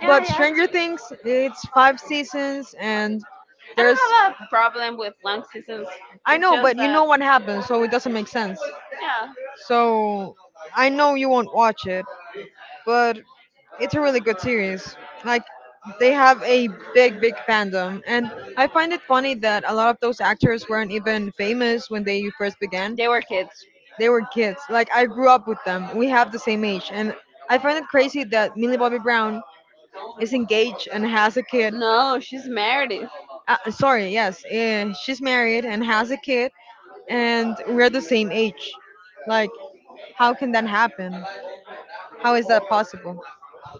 Speaker 1: yeah,
Speaker 2: But
Speaker 1: yeah.
Speaker 2: Stranger Things, it's five seasons, and
Speaker 1: I
Speaker 2: there's
Speaker 1: don't have a problem with long seasons.
Speaker 2: I
Speaker 1: It's
Speaker 2: know,
Speaker 1: just
Speaker 2: but you
Speaker 1: that,
Speaker 2: know what happens, so it doesn't make sense.
Speaker 1: yeah,
Speaker 2: So I know you won't watch it, but it's a really good series. Like they have a big, big fandom, and I find it funny that a lot of those actors weren't even famous when they first began.
Speaker 1: they were kids.
Speaker 2: They were kids. Like I grew up with them. We have the same age, and I find it crazy that Millie Bobby Brown is engaged and has a kid.
Speaker 1: No, she's married.
Speaker 2: Sorry, yes, she's married and has a kid, and we're the same age. Like, how can that happen? How is that possible?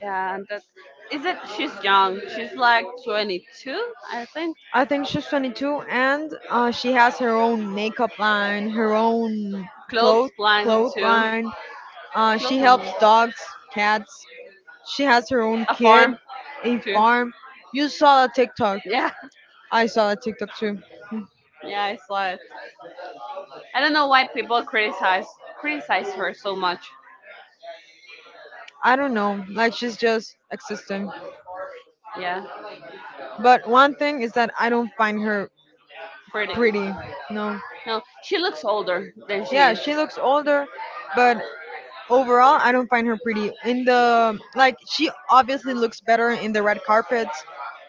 Speaker 1: Yeah, and that is it. She's young. She's like 22, I think.
Speaker 2: I think she's 22, and she has her own makeup line, her own cloth
Speaker 1: Clothesline
Speaker 2: cloth
Speaker 1: too.
Speaker 2: line. She helps
Speaker 1: Clothesline.
Speaker 2: dogs, cats. She has her own
Speaker 1: A
Speaker 2: kid,
Speaker 1: farm
Speaker 2: a
Speaker 1: too.
Speaker 2: farm. You saw a TikTok.
Speaker 1: Yeah,
Speaker 2: I saw a TikTok too.
Speaker 1: yeah, I saw it. I don't know why people criticize her so much.
Speaker 2: I don't know. Like she's just existing.
Speaker 1: Yeah,
Speaker 2: But one thing is that I don't find her
Speaker 1: pretty.
Speaker 2: pretty. No.
Speaker 1: No, she looks older than she
Speaker 2: Yeah,
Speaker 1: is.
Speaker 2: she looks older, but overall I don't find her pretty. In the like she obviously looks better in the red carpets,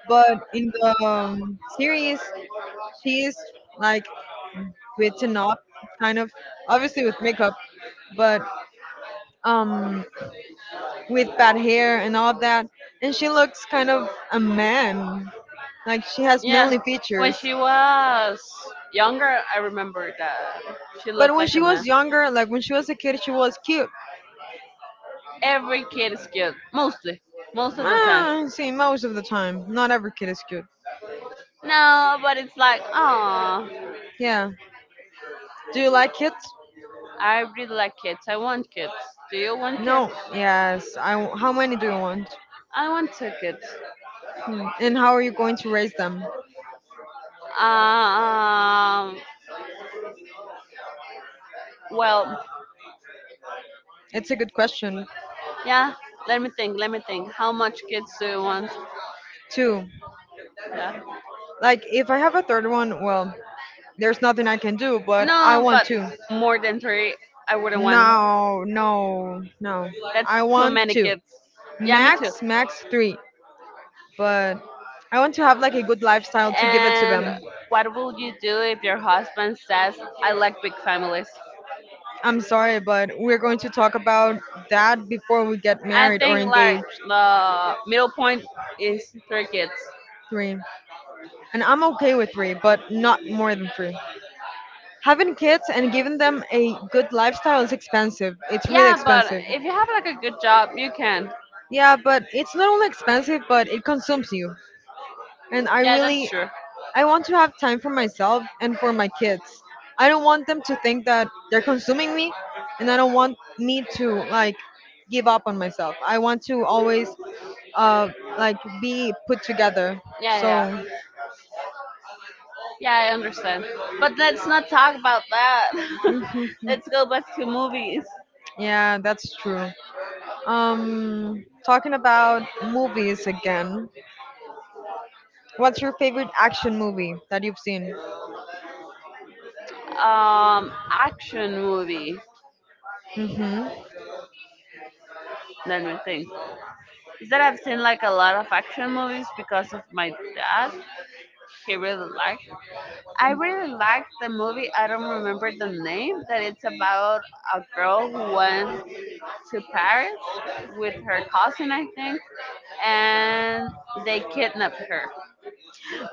Speaker 2: but in the series she is like written up kind of obviously with makeup, but um with bad hair and all of that and she looks kind of a man. Like she has
Speaker 1: Yeah,
Speaker 2: manly
Speaker 1: when
Speaker 2: features.
Speaker 1: she was younger, I remember that she
Speaker 2: But
Speaker 1: looked
Speaker 2: when
Speaker 1: like
Speaker 2: she
Speaker 1: a
Speaker 2: was
Speaker 1: man.
Speaker 2: younger, like when she was a kid, she was cute.
Speaker 1: Every kid is cute, mostly, most of the time.
Speaker 2: Ah, see, most of the time. Not every kid is cute.
Speaker 1: No, but it's like, oh,
Speaker 2: Yeah. Do you like kids?
Speaker 1: I really like kids. I want kids. Do you want kids?
Speaker 2: No. Yes. How many do you want?
Speaker 1: I want two kids.
Speaker 2: Hmm. And how are you going to raise them?
Speaker 1: Um, well,
Speaker 2: It's a good question.
Speaker 1: yeah. Let me think. Let me think. How much kids do you want?
Speaker 2: Two.
Speaker 1: Yeah.
Speaker 2: Like, if I have a third one, well, there's nothing I can do, but I
Speaker 1: No,
Speaker 2: want
Speaker 1: but
Speaker 2: two.
Speaker 1: more than three, I wouldn't want.
Speaker 2: No, no, no.
Speaker 1: That's
Speaker 2: I
Speaker 1: too
Speaker 2: want
Speaker 1: many
Speaker 2: two.
Speaker 1: kids. Yeah, me too.
Speaker 2: Max, max three. But I want to have like a good lifestyle to give it to
Speaker 1: And
Speaker 2: them.
Speaker 1: what will you do if your husband says, "I like big families"?
Speaker 2: I'm sorry, but we're going to talk about that before we get
Speaker 1: I
Speaker 2: married or
Speaker 1: think like
Speaker 2: engaged.
Speaker 1: the middle point is three kids.
Speaker 2: Three. And I'm okay with three, but not more than three. Having kids and giving them a good lifestyle is expensive. It's really
Speaker 1: Yeah, but
Speaker 2: expensive.
Speaker 1: if you have like a good job, you can.
Speaker 2: Yeah, but it's not only expensive, but it consumes you. And I
Speaker 1: Yeah, that's
Speaker 2: really
Speaker 1: true.
Speaker 2: I want to have time for myself and for my kids. I don't want them to think that they're consuming me and I don't want me to like give up on myself. I want to always uh like be put together. So yeah, that's true. Talking about movies again. What's your favorite action movie that you've seen? Mhm.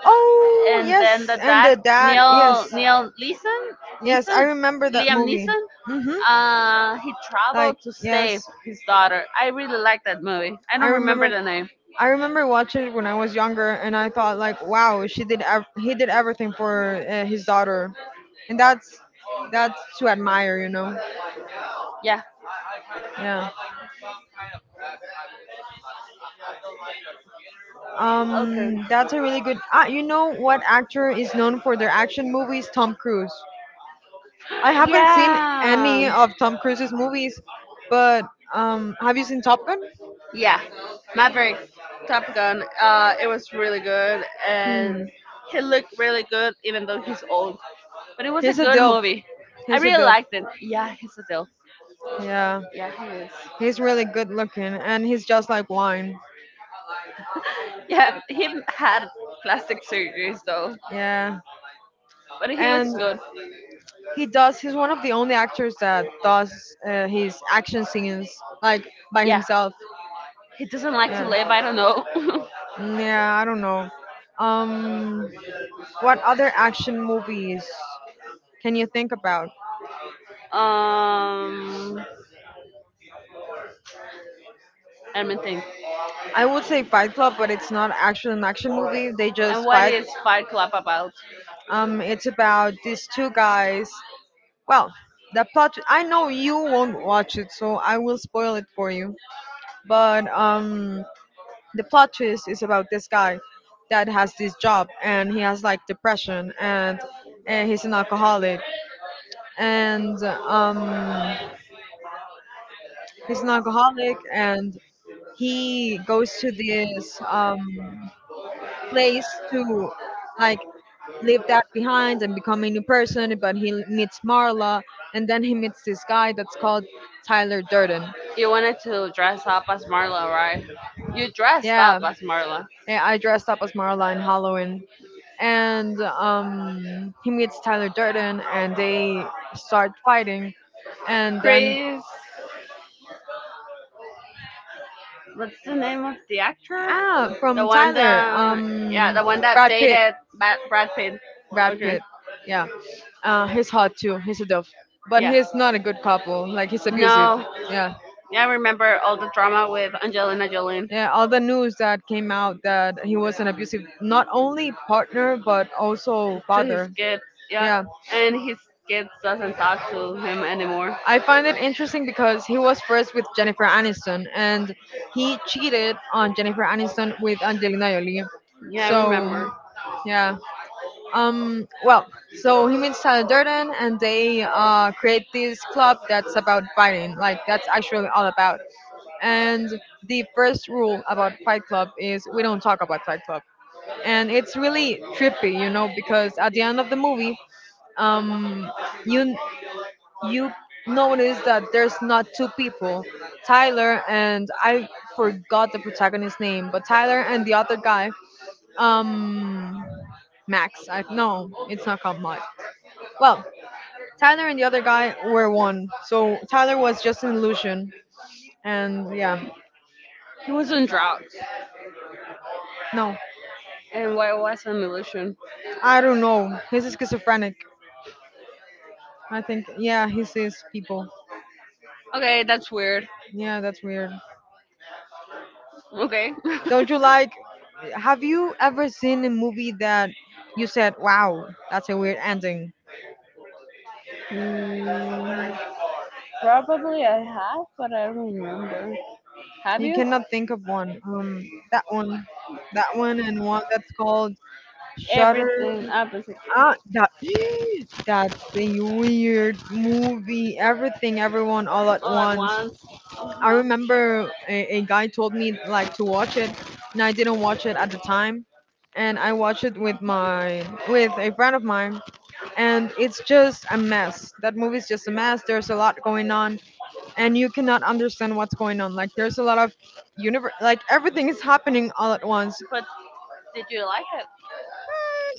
Speaker 2: Oh, yes, and the dad, yes. Yes, I remember that movie. Mhm. Like yes, I remember. I remember watching it when I was younger, and I thought like, wow, she did. He did everything for his daughter, and that's to admire, you know. Yeah. That's a really good. You know what actor is known for their action movies? Tom Cruise. I haven't seen any of Tom Cruise's movies, but have you seen Top Gun? Hmm. He's a dilf. He's a dilf. Yeah, he's really good looking, and he's just like wine. Yeah, and he does. He's one of the only actors that does his action scenes like by himself. Yeah. Mm, yeah. I don't know. Um, What other action movies can you think about? I would say Fight Club, but it's not actually an action movie. They just fight. It's about these two guys. Well, the plot. I know you won't watch it, so I will spoil it for you. But the plot twist is about this guy that has this job, and he has like depression, and he's an alcoholic, and he's an alcoholic, and he goes to this place to like leave that behind and become a new person but he meets marla and then he meets this guy that's called tyler durden.
Speaker 1: You wanted to dress up as Marla, right? You dressed up
Speaker 2: Yeah
Speaker 1: as Marla.
Speaker 2: yeah, I dressed up as marla in halloween and he meets tyler durden and they start fighting and then
Speaker 1: Chris, what's the name of the actor?
Speaker 2: ah
Speaker 1: The
Speaker 2: from
Speaker 1: one
Speaker 2: tyler
Speaker 1: that, yeah, the one that
Speaker 2: brad pitt.
Speaker 1: dated Brad Pitt.
Speaker 2: brad
Speaker 1: Okay.
Speaker 2: pitt Yeah. He's hot too. He's a dove, but
Speaker 1: Yeah.
Speaker 2: he's not a good couple. Like he's abusive.
Speaker 1: No,
Speaker 2: Yeah,
Speaker 1: yeah, I remember all the drama with Angelina Jolie.
Speaker 2: yeah. All the news that came out that he was an abusive, not only partner but also
Speaker 1: To his
Speaker 2: father.
Speaker 1: kids, yeah.
Speaker 2: Yeah,
Speaker 1: And his kids doesn't talk to him anymore.
Speaker 2: I find it interesting because he was first with Jennifer Aniston and he cheated on Jennifer Aniston with Angelina Jolie.
Speaker 1: Yeah, I remember.
Speaker 2: So, yeah. Well, so he meets Tyler Durden and they create this club that's about fighting. Like that's actually all about. And the first rule about Fight Club is we don't talk about Fight Club. And it's really trippy, you know, because at the end of the movie, um, you you notice that there's not two people, Tyler and I forgot the protagonist's name, but Tyler and the other guy, um, Max. I no, it's not called Max. Well, Tyler and the other guy were one. So Tyler was just an illusion. And yeah,
Speaker 1: He was on drugs.
Speaker 2: no.
Speaker 1: And why was an illusion?
Speaker 2: I don't know. He's schizophrenic. I think. Yeah, he sees people.
Speaker 1: Okay, that's weird.
Speaker 2: Yeah, that's weird.
Speaker 1: Okay.
Speaker 2: Don't you like? Have you ever seen a movie that you said, "Wow, that's a weird ending"?
Speaker 1: Mm, Probably I have, but I don't remember. Have
Speaker 2: You
Speaker 1: you?
Speaker 2: cannot think of one. That one, that one, and one that's called Shutter.
Speaker 1: Everything opposite
Speaker 2: Ah, that that's a weird movie. Everything, everyone, all at
Speaker 1: all at
Speaker 2: once.
Speaker 1: once.
Speaker 2: I
Speaker 1: Uh-huh.
Speaker 2: remember a guy told me like to watch it, and I didn't watch it at the time, and I watched it with my with a friend of mine, and it's just a mess. That movie's just a mess. There's a lot going on, and you cannot understand what's going on. Like there's a lot of universe, like everything is happening all at once.
Speaker 1: But did you like it?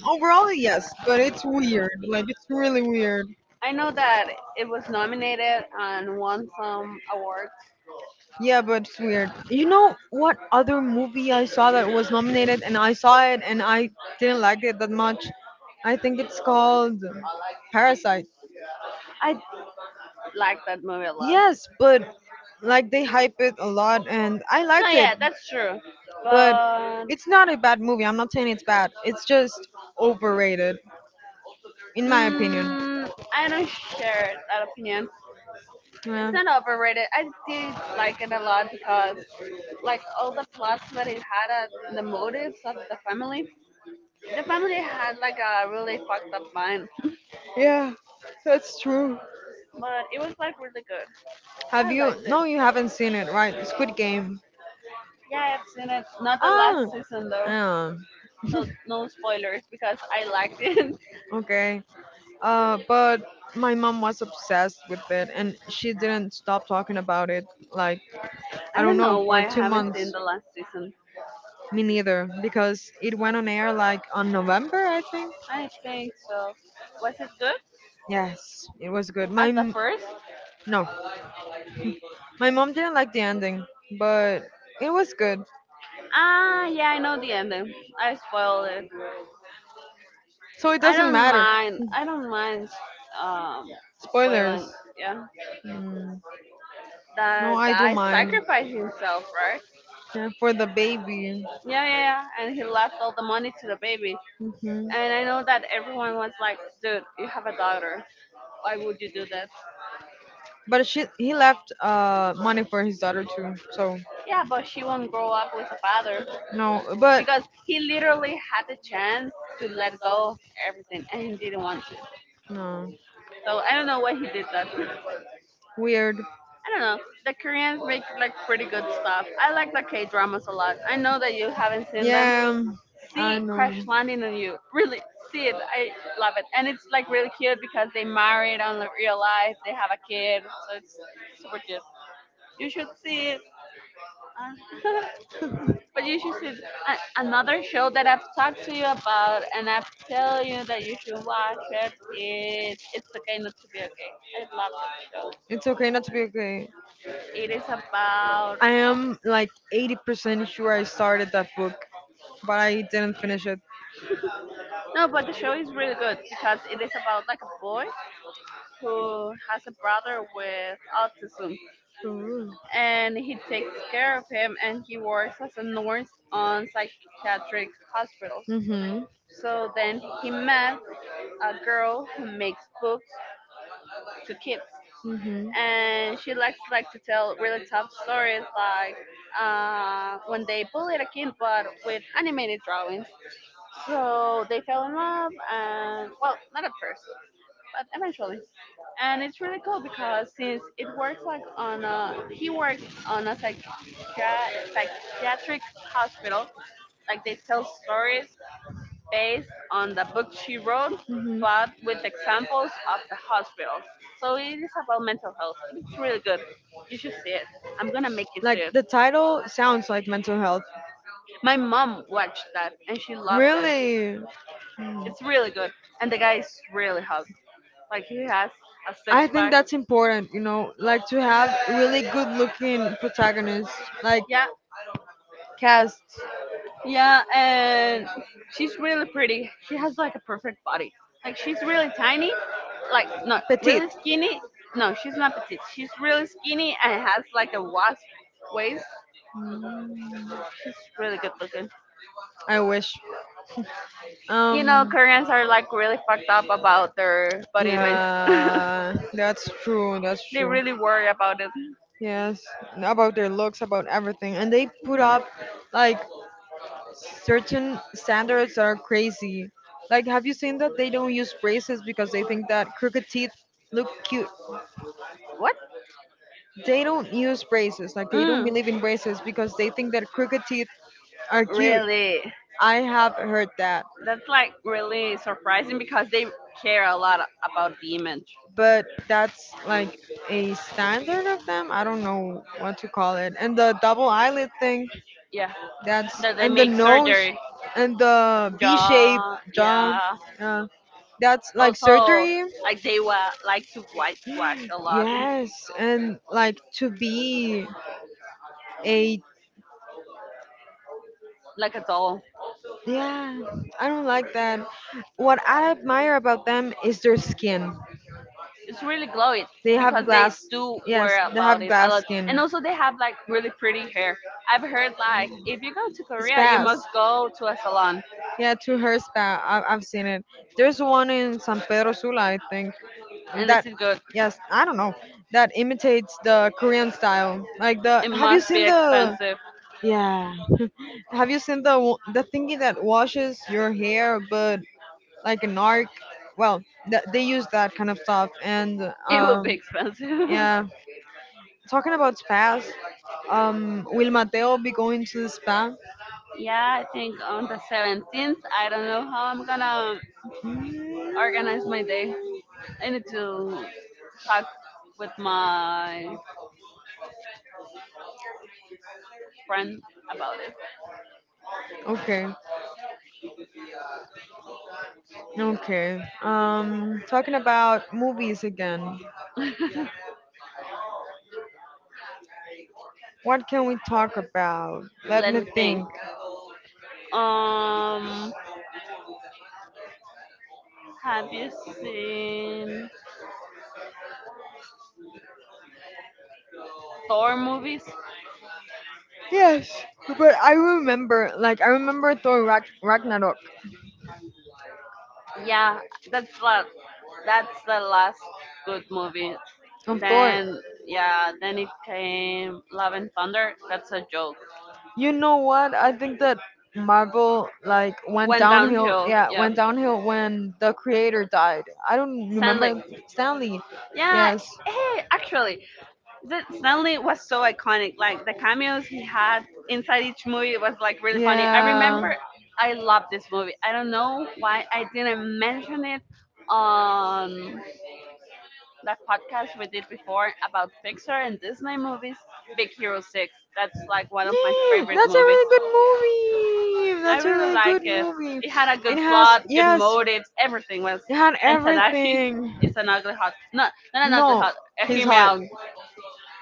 Speaker 2: Overall, yes, but it's weird. Like it's really weird.
Speaker 1: I know that it was nominated and won some awards.
Speaker 2: Yeah, but it's weird. You know what other movie I saw that was nominated and I saw it and I didn't like it that much? I think it's called Parasite.
Speaker 1: I like that movie a lot.
Speaker 2: Yes, but like they hype it a lot and I No,
Speaker 1: No,
Speaker 2: liked it,
Speaker 1: yeah, that's true.
Speaker 2: but
Speaker 1: But
Speaker 2: it's not a bad movie. I'm not saying it's bad. It's just overrated in my opinion.
Speaker 1: I don't share that opinion.
Speaker 2: Yeah.
Speaker 1: It's not overrated. I did like it a lot because like all the plots that it had the motives of the family had like a really fucked up mind
Speaker 2: Yeah, that's true.
Speaker 1: but it was like really good.
Speaker 2: Have
Speaker 1: I
Speaker 2: you?
Speaker 1: liked it.
Speaker 2: No, you haven't seen it, right? Squid Game.
Speaker 1: Yeah, I've seen it, not the last
Speaker 2: Ah,
Speaker 1: season, though. So no spoilers because I liked it.
Speaker 2: yeah. Okay. But my mom was obsessed with it, and she didn't stop talking about it. Like I
Speaker 1: I
Speaker 2: don't
Speaker 1: don't know
Speaker 2: know for
Speaker 1: why I
Speaker 2: two
Speaker 1: haven't seen
Speaker 2: months.
Speaker 1: the last season.
Speaker 2: Me neither, because it went on air like on November, I think.
Speaker 1: I think so. Was it good
Speaker 2: Yes, it was good.
Speaker 1: as the first?
Speaker 2: No, my mom didn't like the ending, but it was good.
Speaker 1: Ah, yeah, I know the ending. I spoiled it.
Speaker 2: So it
Speaker 1: I
Speaker 2: doesn't
Speaker 1: don't
Speaker 2: matter.
Speaker 1: mind. I don't mind um
Speaker 2: Spoilers.
Speaker 1: spoiling. Yeah.
Speaker 2: Mm. No,
Speaker 1: The
Speaker 2: I do
Speaker 1: guy
Speaker 2: mind.
Speaker 1: sacrificed himself, right?
Speaker 2: Yeah, for the baby.
Speaker 1: Yeah, yeah, yeah. And he left all the money to the baby.
Speaker 2: Hmm.
Speaker 1: And I know
Speaker 2: And
Speaker 1: that everyone was like, dude, you have a daughter. Why would you do that?
Speaker 2: but she he left money for his daughter too. So
Speaker 1: Yeah, but she won't grow up with a father
Speaker 2: no, but
Speaker 1: because he literally had the chance to let go of everything and he didn't want to.
Speaker 2: no,
Speaker 1: So I don't know why he did that.
Speaker 2: weird.
Speaker 1: I don't know. The Koreans make like pretty good stuff. I like the K dramas a lot. I know that you haven't seen them.
Speaker 2: Yeah, I
Speaker 1: See Crash
Speaker 2: know.
Speaker 1: Landing on You. Really, see it. I love it. And it's like really cute because they married on the real life. They have a kid. So it's super cute. You should see it. Uh, but you should see another show that I've talked to you about and I've tell you that you should watch it is It's Okay Not to Be Okay. I love that show.
Speaker 2: It's okay not to be okay.
Speaker 1: It is about
Speaker 2: I am like 80% sure I started that book, but I didn't finish it.
Speaker 1: No, but the show is really good because it is about like a boy who has a brother with autism
Speaker 2: Ooh.
Speaker 1: and he takes care of him and he works as a nurse on psychiatric hospitals.
Speaker 2: Mhm.
Speaker 1: So then he met a girl who makes books to kids
Speaker 2: Mhm.
Speaker 1: and she likes like to tell really tough stories like when they bullied a kid but with animated drawings. So they fell in love and well not at first but eventually. And it's really cool because since it works like on a he works on a psychiatric hospital, like they tell stories based on the book she wrote,
Speaker 2: Mhm.
Speaker 1: but with examples of the hospital. So it is about mental health. It's really good. You should see it. I'm gonna make you see
Speaker 2: Like
Speaker 1: it.
Speaker 2: the title sounds like mental health.
Speaker 1: My mom watched that and she loved it.
Speaker 2: Really? Mm.
Speaker 1: It's really good, and the guy is really hot. Like he has a
Speaker 2: I
Speaker 1: six
Speaker 2: think
Speaker 1: pack.
Speaker 2: that's important, you know, like to have really good looking protagonists, like
Speaker 1: Yeah,
Speaker 2: cast.
Speaker 1: yeah, and she's really pretty. She has like a perfect body. Like she's really tiny, like not
Speaker 2: Petite.
Speaker 1: really skinny. No, she's not petite. She's really skinny and has like a wasp waist. She's really good looking.
Speaker 2: I wish.
Speaker 1: You
Speaker 2: Um.
Speaker 1: know, Koreans are like really fucked up about their body image. They
Speaker 2: Yeah, that's true. That's true.
Speaker 1: really worry about it.
Speaker 2: Yes, about their looks, about everything, and they put up like certain standards that are crazy. Like, have you seen that they don't use braces because they think that crooked teeth look cute?
Speaker 1: What?
Speaker 2: They don't use braces. Like they don't
Speaker 1: Mm,
Speaker 2: believe in braces because they think that crooked teeth are cute.
Speaker 1: really?
Speaker 2: I have heard that,
Speaker 1: That's like really surprising because they care a lot about the image.
Speaker 2: but that's like a standard of them. I don't know what to call it. And the double eyelid thing,
Speaker 1: Yeah,
Speaker 2: that's
Speaker 1: that they
Speaker 2: and the
Speaker 1: make
Speaker 2: nose
Speaker 1: surgery
Speaker 2: and the B shape
Speaker 1: jaw.
Speaker 2: jaw.
Speaker 1: Yeah.
Speaker 2: Yeah. That's like
Speaker 1: Also,
Speaker 2: surgery.
Speaker 1: like they like to whitewash a lot,
Speaker 2: Yes, and like to be a
Speaker 1: like a doll.
Speaker 2: Yeah, I don't like that. What I admire about them is their skin.
Speaker 1: It's really glowy
Speaker 2: They have
Speaker 1: because they
Speaker 2: glass.
Speaker 1: do
Speaker 2: Yes,
Speaker 1: worry
Speaker 2: they
Speaker 1: about
Speaker 2: have
Speaker 1: it a
Speaker 2: glass
Speaker 1: lot,
Speaker 2: skin.
Speaker 1: and also they have like really pretty hair. I've heard like if you go to Korea, you
Speaker 2: Spas.
Speaker 1: must go to a salon,
Speaker 2: Yeah, to her spa. I've seen it. There's one in San Pedro Sula, I think.
Speaker 1: and this
Speaker 2: That
Speaker 1: is good.
Speaker 2: yes, I don't know. That imitates the Korean style. Like the.
Speaker 1: It
Speaker 2: Have you
Speaker 1: must be
Speaker 2: seen the?
Speaker 1: expensive.
Speaker 2: Yeah. Have you seen the the thingy that washes your hair, but like a narc. Well, they use that kind of stuff. And
Speaker 1: It will be expensive.
Speaker 2: yeah, talking about spas, will Mateo be going to the spa?
Speaker 1: Yeah, I think on the 17th. I don't know how I'm gonna
Speaker 2: Mm.
Speaker 1: organize my day. I need to talk with my friend about
Speaker 2: Okay, okay. Talking about movies again.
Speaker 1: it.
Speaker 2: What can we talk about? Let
Speaker 1: Let
Speaker 2: me
Speaker 1: me think.
Speaker 2: think.
Speaker 1: Um, have you seen Thor movies?
Speaker 2: Yes, but I remember, like, I remember Thor Ragnarok.
Speaker 1: Yeah, that's la- that's the last good movie.
Speaker 2: Of course.
Speaker 1: Then yeah, then it came Love and Thunder. That's a joke.
Speaker 2: You know what? I think that Marvel like went
Speaker 1: Went
Speaker 2: downhill.
Speaker 1: downhill.
Speaker 2: Yeah,
Speaker 1: Yeah,
Speaker 2: went downhill when the creator died. I don't
Speaker 1: Stanley.
Speaker 2: remember Stanley.
Speaker 1: Yeah.
Speaker 2: Yes.
Speaker 1: Hey, actually, that Stanley was so iconic. Like the cameos he had inside each movie was like really funny. I
Speaker 2: Yeah.
Speaker 1: remember I loved this movie. I don't know why I didn't mention it on that podcast we did before about Pixar and Disney movies, Big Hero 6. That's like one of my favorite movies.
Speaker 2: Really good movie.
Speaker 1: I really
Speaker 2: I
Speaker 1: like it. It had a good plot, good motives, everything was.
Speaker 2: it had
Speaker 1: And
Speaker 2: into that.
Speaker 1: Tadashi is an ugly hot. Not, not an ugly hot. A him
Speaker 2: A
Speaker 1: out.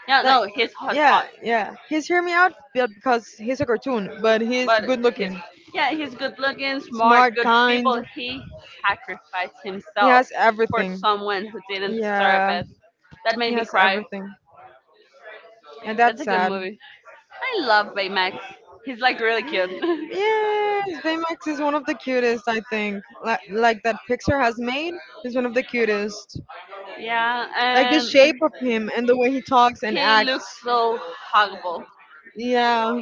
Speaker 1: No, no, he's hot
Speaker 2: yeah,
Speaker 1: hot.
Speaker 2: yeah. He's hear me out, but because he's a cartoon, but
Speaker 1: But he's yeah, he's good looking, smart, good people.
Speaker 2: kind.
Speaker 1: He sacrificed himself
Speaker 2: Has
Speaker 1: for
Speaker 2: everything.
Speaker 1: someone who didn't deserve
Speaker 2: Yeah,
Speaker 1: it. That
Speaker 2: he
Speaker 1: made me
Speaker 2: has
Speaker 1: cry.
Speaker 2: everything. And
Speaker 1: That's a good
Speaker 2: sad.
Speaker 1: movie. I love Baymax. He's like really cute.
Speaker 2: Movie. Yes, Baymax is one of the cutest, I think. Like that Pixar has made is one of the cutest.
Speaker 1: Yeah,
Speaker 2: Like the
Speaker 1: and
Speaker 2: shape of him and the way he talks and
Speaker 1: he
Speaker 2: acts.
Speaker 1: looks so huggable.
Speaker 2: Yeah.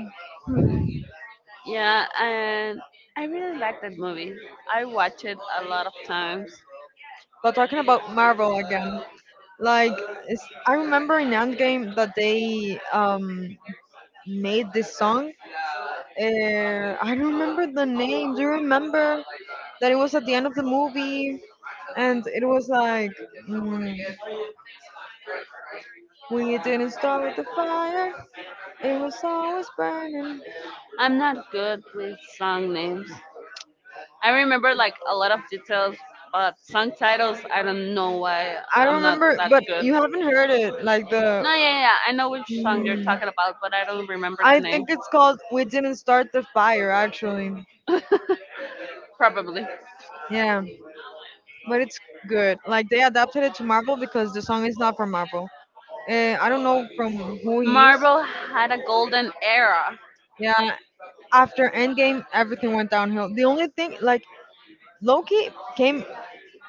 Speaker 1: Yeah, and I really like that movie. I watch it a lot of times.
Speaker 2: But talking about Marvel again, like I remember in Endgame that they made this song. I don't remember the name. Do you remember that it was at the end of the movie, and it was like, mm, we didn't start the fire, it was always burning.
Speaker 1: I'm not good with song names. I remember like a lot of details, but song titles, I don't know why
Speaker 2: I don't
Speaker 1: I'm not
Speaker 2: remember,
Speaker 1: that
Speaker 2: but
Speaker 1: good.
Speaker 2: you haven't heard it.
Speaker 1: No, yeah, yeah, yeah, I know which song you're
Speaker 2: Mm,
Speaker 1: talking about, but I don't remember
Speaker 2: I
Speaker 1: the name.
Speaker 2: think it's called We Didn't Start the Fire, actually.
Speaker 1: Probably.
Speaker 2: Yeah, but it's good. Like they adapted it to Marvel because the song is not from Marvel. I don't know from who he is.
Speaker 1: Marvel had a golden era.
Speaker 2: Yeah, after Endgame, everything went downhill. The only thing, like Loki, came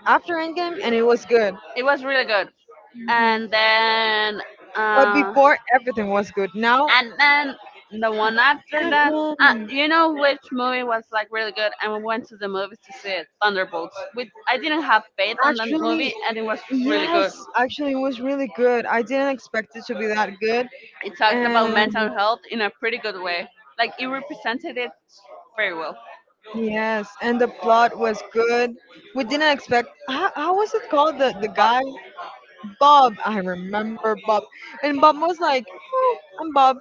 Speaker 2: after Endgame, and it was good.
Speaker 1: It was really good.
Speaker 2: Mhm.
Speaker 1: And then
Speaker 2: But
Speaker 1: uh,
Speaker 2: before, everything was good. Now,
Speaker 1: And then the one after
Speaker 2: Ant
Speaker 1: that,
Speaker 2: Man.
Speaker 1: you know which movie was like really good, and we went to the movies to see it, Thunderbolts. With I didn't have faith on that movie,
Speaker 2: Actually,
Speaker 1: and it was really good.
Speaker 2: yes. Actually, it was really good. I didn't expect it to be that good.
Speaker 1: It talked about
Speaker 2: And
Speaker 1: mental health in a pretty good way. Like it represented it very well.
Speaker 2: yes, and the plot was good. We didn't expect. How was it called? The
Speaker 1: But
Speaker 2: guy. Bob. I remember Bob. And Bob was like, oh, I'm Bob.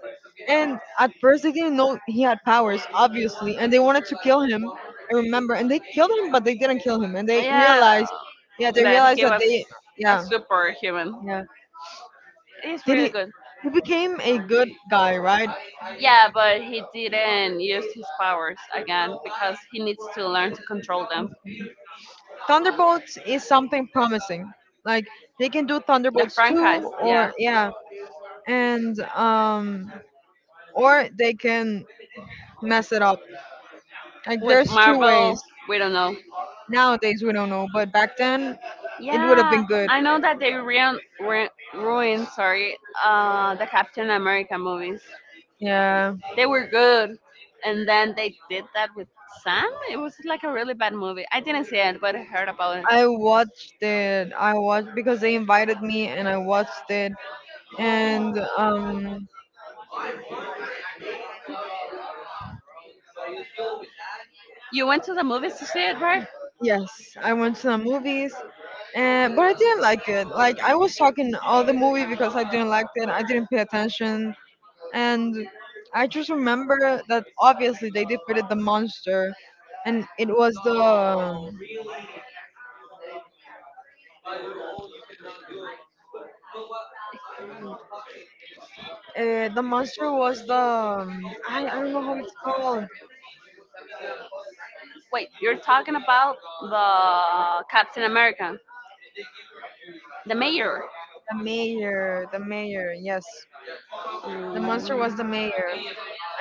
Speaker 2: And at first they didn't know he had powers, obviously, and they wanted to kill him. I remember. And they killed him, but they didn't kill him. And they
Speaker 1: yeah,
Speaker 2: realized, yeah, they
Speaker 1: that
Speaker 2: realized
Speaker 1: he
Speaker 2: that
Speaker 1: was
Speaker 2: they,
Speaker 1: a
Speaker 2: yeah.
Speaker 1: superhuman.
Speaker 2: Yeah.
Speaker 1: It's
Speaker 2: did
Speaker 1: really
Speaker 2: he,
Speaker 1: good.
Speaker 2: he became a good guy, right?
Speaker 1: Yeah, but he didn't use his powers again because he needs to learn to control them.
Speaker 2: Thunderbolts is something promising. Like they can do
Speaker 1: The
Speaker 2: Thunderbolts too,
Speaker 1: franchise,
Speaker 2: or
Speaker 1: yeah,
Speaker 2: yeah, and or they can mess it up. Like
Speaker 1: with
Speaker 2: there's two ways.
Speaker 1: Marvel, we don't know.
Speaker 2: Nowadays we don't know, but back then it would have
Speaker 1: Yeah,
Speaker 2: been good.
Speaker 1: I know that they ruined, sorry, the Captain America movies.
Speaker 2: Yeah,
Speaker 1: They were good, and then they did that with Sam. It was like a really bad movie. I didn't see it, but I heard about it.
Speaker 2: I watched it. I watched because they invited me and I watched it. And
Speaker 1: You went to the movies to see it, right?
Speaker 2: yes, I went to the movies. But I didn't like it. Like I was talking all the movie because I didn't like it. I didn't pay attention, and I just remember that obviously they defeated the monster, and it was the monster was the I don't know how it's called.
Speaker 1: Wait, you're talking about the Captain America, the mayor.
Speaker 2: The mayor, the mayor. Yes, the monster was the
Speaker 1: Mm,
Speaker 2: mayor,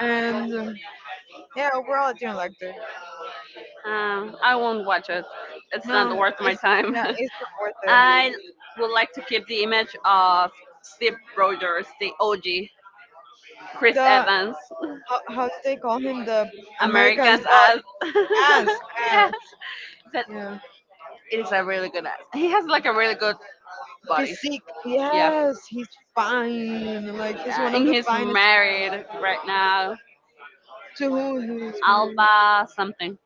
Speaker 2: and yeah, overall I didn't like it.
Speaker 1: I won't watch it. It's
Speaker 2: No,
Speaker 1: not worth my
Speaker 2: it's
Speaker 1: time.
Speaker 2: yeah, it's not worth it.
Speaker 1: I would like to keep the image of Steve Rogers, the OG, Chris
Speaker 2: The
Speaker 1: Evans,
Speaker 2: how did they call him? The American's
Speaker 1: America's
Speaker 2: butt
Speaker 1: ass.
Speaker 2: ass
Speaker 1: Yeah,
Speaker 2: ass.
Speaker 1: but
Speaker 2: Yeah,
Speaker 1: it's a really good ass. He has like a really good body.
Speaker 2: physique.
Speaker 1: Yeah,
Speaker 2: Yes, he's fine. Like he's
Speaker 1: yeah.
Speaker 2: one of
Speaker 1: And
Speaker 2: the
Speaker 1: he's
Speaker 2: finest.
Speaker 1: married right now.
Speaker 2: To who is
Speaker 1: Alba something.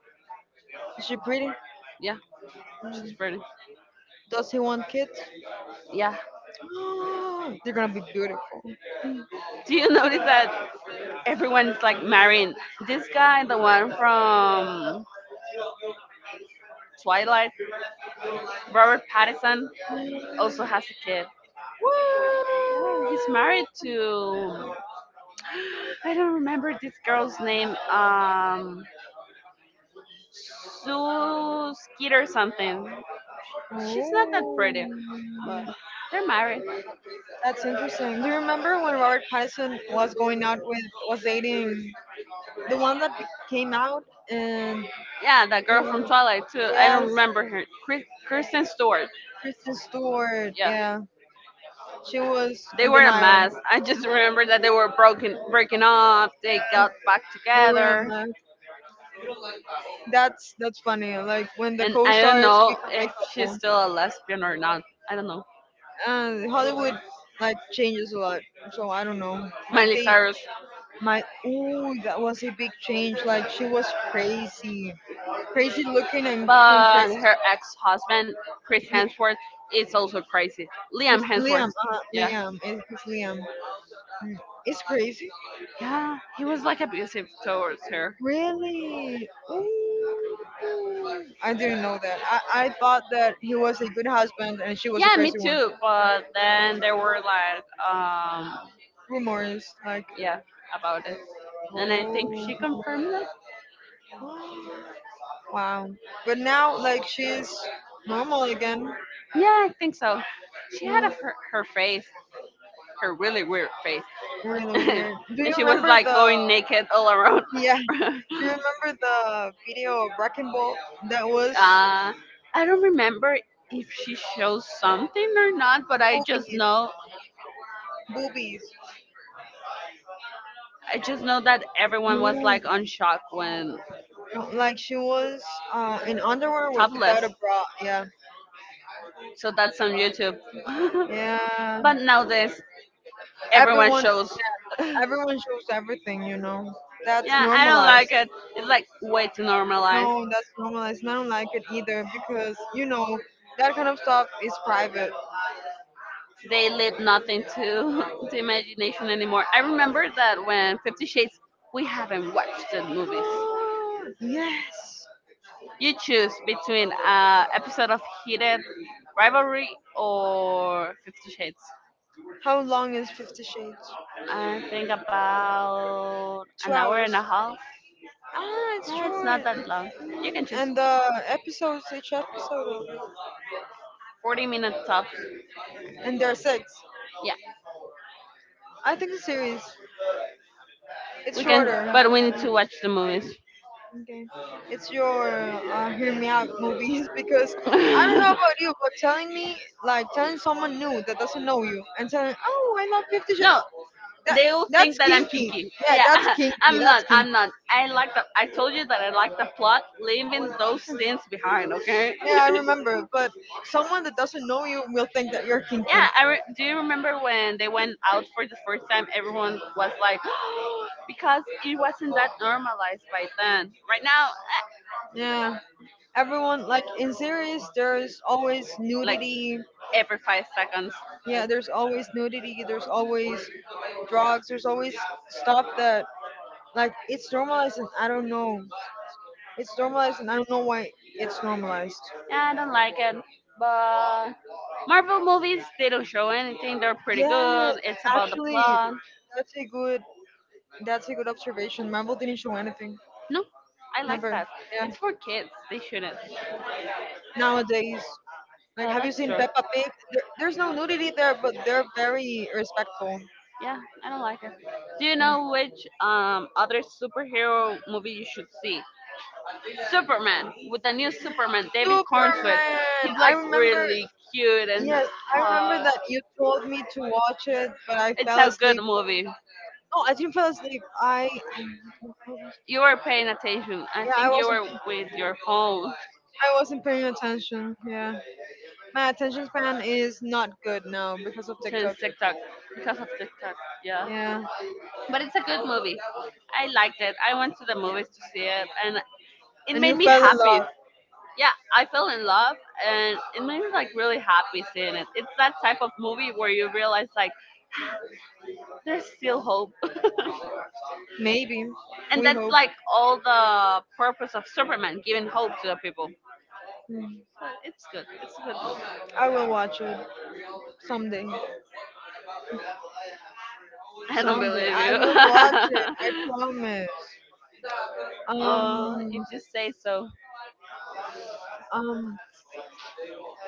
Speaker 2: she pretty?
Speaker 1: Yeah, she's
Speaker 2: Mm.
Speaker 1: pretty.
Speaker 2: Does he want kids?
Speaker 1: Yeah.
Speaker 2: They're gonna be beautiful.
Speaker 1: Do you notice that everyone's like marrying this guy, the one from Twilight, Robert Pattinson, also has a kid.
Speaker 2: Woo!
Speaker 1: Yeah, he's married to I don't remember this girl's name. Sue Skid or something. She's not that
Speaker 2: Ooh.
Speaker 1: pretty, but they're married.
Speaker 2: That's interesting. Do you remember when Robert Pattinson was going out with was dating the one that came out and
Speaker 1: Yeah, that girl from
Speaker 2: it
Speaker 1: Twilight too. I don't
Speaker 2: yes,
Speaker 1: remember her. Kristen Stewart.
Speaker 2: Kristen Stewart.
Speaker 1: Yeah,
Speaker 2: Yeah, she was
Speaker 1: they
Speaker 2: in
Speaker 1: were a
Speaker 2: denial.
Speaker 1: mess. I just remember that they were breaking up. They got back
Speaker 2: They were a
Speaker 1: together,
Speaker 2: mess. That's funny. Like when the
Speaker 1: and I don't
Speaker 2: co-stars
Speaker 1: know if she's
Speaker 2: become
Speaker 1: still a lesbian or not. I don't know.
Speaker 2: a couple, Hollywood like changes a lot. So I don't know. Like
Speaker 1: Miley
Speaker 2: they.
Speaker 1: Cyrus.
Speaker 2: My ooh, that was a big change. Like she was crazy, crazy looking and doing crazy.
Speaker 1: But her ex-husband, Chris
Speaker 2: Li-
Speaker 1: Hemsworth, is also crazy. Liam
Speaker 2: It's Liam,
Speaker 1: Hemsworth, yeah.
Speaker 2: Liam, it's Liam. Mm. It's crazy.
Speaker 1: Yeah, he was like abusive towards her.
Speaker 2: Really? Ooh. I didn't know that. I thought that he was a good husband and she was a
Speaker 1: Yeah, me
Speaker 2: crazy one.
Speaker 1: too. But then there were like,
Speaker 2: Rumors, like,
Speaker 1: yeah, about it. And I think she
Speaker 2: oh,
Speaker 1: confirmed it.
Speaker 2: wow. But now, like, she's normal again.
Speaker 1: Yeah, I think so. She had her face, her really weird face.
Speaker 2: Really weird. Do
Speaker 1: And
Speaker 2: you
Speaker 1: she was
Speaker 2: remember
Speaker 1: like
Speaker 2: the
Speaker 1: going naked all around.
Speaker 2: yeah? Do you remember the video of Wrecking Ball that was
Speaker 1: Uh, I don't remember if she shows something or not, but I just
Speaker 2: boobies,
Speaker 1: know
Speaker 2: boobies?
Speaker 1: I just know that everyone
Speaker 2: No,
Speaker 1: was
Speaker 2: no,
Speaker 1: like on shock when
Speaker 2: like she was in underwear with without
Speaker 1: topless.
Speaker 2: a bra. Yeah,
Speaker 1: So that's on YouTube.
Speaker 2: yeah.
Speaker 1: But nowadays everyone
Speaker 2: Everyone,
Speaker 1: shows. Yeah,
Speaker 2: everyone shows everything, you know. That's
Speaker 1: I don't
Speaker 2: normalized.
Speaker 1: like it. It's like way too normalized.
Speaker 2: No, that's normalized. And I don't like it either because you know that kind of stuff is private.
Speaker 1: They leave nothing to the imagination anymore. I remember that when Fifty Shades, we haven't watched the movies.
Speaker 2: Yes.
Speaker 1: You choose between a episode of Heated Rivalry or Fifty Shades.
Speaker 2: How long is 50 Shades?
Speaker 1: I think about
Speaker 2: Two
Speaker 1: an hour
Speaker 2: hours.
Speaker 1: and a half.
Speaker 2: Ah, it's
Speaker 1: Yeah, it's not
Speaker 2: short.
Speaker 1: that long. You can choose.
Speaker 2: And the episodes, each episode, of,
Speaker 1: 40 minutes tops.
Speaker 2: and there are six.
Speaker 1: Yeah,
Speaker 2: I think the series it's
Speaker 1: we can,
Speaker 2: shorter.
Speaker 1: but we need to watch the movies.
Speaker 2: Okay, it's your hear me out movies because I don't know about you, but telling me like telling someone new that doesn't know you and telling oh I love 50 Shades.
Speaker 1: No,
Speaker 2: That
Speaker 1: they will think that
Speaker 2: kinky.
Speaker 1: I'm kinky. Yeah,
Speaker 2: Kinky.
Speaker 1: I'm not.
Speaker 2: Kinky. I'm
Speaker 1: I'm not. I like the. I told you that I like the plot, leaving those scenes behind. Okay.
Speaker 2: Yeah, I remember. But someone that doesn't know you will think that you're yeah, kinky.
Speaker 1: Yeah. Do you remember when they went out for the first time? Everyone was like, because it wasn't that normalized by then. Right now,
Speaker 2: Now, yeah. Everyone like in series there's always
Speaker 1: like
Speaker 2: nudity,
Speaker 1: every 5 seconds.
Speaker 2: yeah, there's always nudity, there's always drugs, there's always stuff that like it's normalized and I don't know. It's normalized and I don't know why it's normalized.
Speaker 1: Yeah, I don't like it, but. Marvel movies, they don't show anything. They're pretty
Speaker 2: Yeah,
Speaker 1: good. It's about the
Speaker 2: actually
Speaker 1: plot.
Speaker 2: that's a good that's a good observation. Marvel didn't show anything.
Speaker 1: No, I like
Speaker 2: Never.
Speaker 1: that.
Speaker 2: Yeah.
Speaker 1: It's for kids. They shouldn't.
Speaker 2: Nowadays. Like
Speaker 1: Oh,
Speaker 2: have you
Speaker 1: that's
Speaker 2: seen
Speaker 1: true.
Speaker 2: Peppa Pig? There's no nudity there, but they're very respectful.
Speaker 1: Yeah, I don't like it. Do you
Speaker 2: Yeah.
Speaker 1: know which other superhero movie you should see? Superman with the new Superman, David Cornswet.
Speaker 2: Superman.
Speaker 1: He's
Speaker 2: I
Speaker 1: like
Speaker 2: remember.
Speaker 1: really cute and
Speaker 2: Yes, I remember
Speaker 1: uh,
Speaker 2: that you told me to watch it, but I
Speaker 1: it's
Speaker 2: fell
Speaker 1: a good
Speaker 2: asleep.
Speaker 1: movie.
Speaker 2: No, I didn't fall asleep. I yeah,
Speaker 1: You were paying attention. I
Speaker 2: I
Speaker 1: think you
Speaker 2: wasn't.
Speaker 1: were with your phone
Speaker 2: I wasn't paying attention. Yeah, my attention span is not good now because of
Speaker 1: since
Speaker 2: TikTok.
Speaker 1: TikTok because of TikTok. Yeah,
Speaker 2: Yeah,
Speaker 1: but it's a good movie. I liked it. I went to the movies to see it, and it
Speaker 2: and you
Speaker 1: made me
Speaker 2: fell in
Speaker 1: happy.
Speaker 2: love.
Speaker 1: Yeah, I fell in love and it made me like really happy seeing it. It's that type of movie where you realize like there's still hope.
Speaker 2: Maybe
Speaker 1: And
Speaker 2: we
Speaker 1: that's
Speaker 2: hope.
Speaker 1: like all the purpose of Superman, giving hope to the people.
Speaker 2: Mm.
Speaker 1: But it's good. It's a good movie.
Speaker 2: I will watch it someday.
Speaker 1: I don't
Speaker 2: Someday
Speaker 1: believe
Speaker 2: I will watch it. I
Speaker 1: you.
Speaker 2: promise.
Speaker 1: Oh, if
Speaker 2: Um,
Speaker 1: you say so.
Speaker 2: um,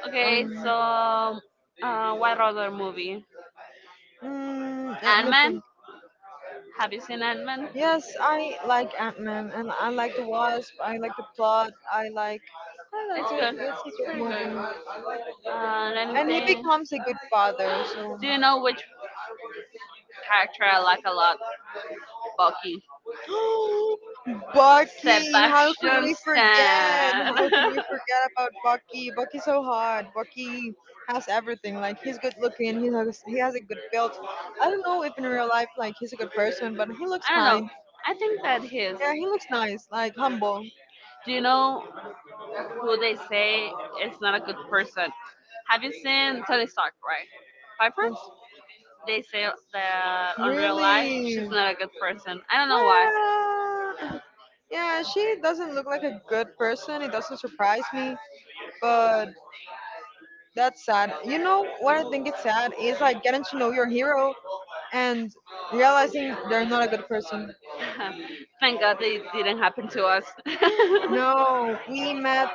Speaker 1: Okay, so what other movie?
Speaker 2: um, let
Speaker 1: Ant
Speaker 2: me
Speaker 1: Man.
Speaker 2: think.
Speaker 1: Have you seen Ant Man?
Speaker 2: Yes, I like Ant-Man and I like the Wasp. I like the plot. I
Speaker 1: It's
Speaker 2: like
Speaker 1: good.
Speaker 2: it. It's a
Speaker 1: It's
Speaker 2: good
Speaker 1: pretty
Speaker 2: movie.
Speaker 1: good. Let me
Speaker 2: And he
Speaker 1: think.
Speaker 2: becomes a good father. So,
Speaker 1: Do you know which character I like a lot, Bucky.
Speaker 2: Bucky, how could
Speaker 1: Sebastian
Speaker 2: we forget?
Speaker 1: Stan.
Speaker 2: How could we forget about Bucky? Bucky's so hot. Bucky has everything. Like he's good looking. He has a good build. I don't know if in real life like he's a good person, but he looks
Speaker 1: I don't know.
Speaker 2: kind.
Speaker 1: I think that his.
Speaker 2: Yeah, he looks nice. Like humble.
Speaker 1: Do you know who they say is not a good person? Have you seen Tony Stark, right? Piper?
Speaker 2: Yes.
Speaker 1: They say that on real life she's
Speaker 2: Really?
Speaker 1: not a good person. I don't know why.
Speaker 2: Well, yeah, she doesn't look like a good person. It doesn't surprise me, but that's sad. You know what I think is sad is like getting to know your hero and realizing they're not a good person.
Speaker 1: Thank God they didn't happen to us.
Speaker 2: No, we met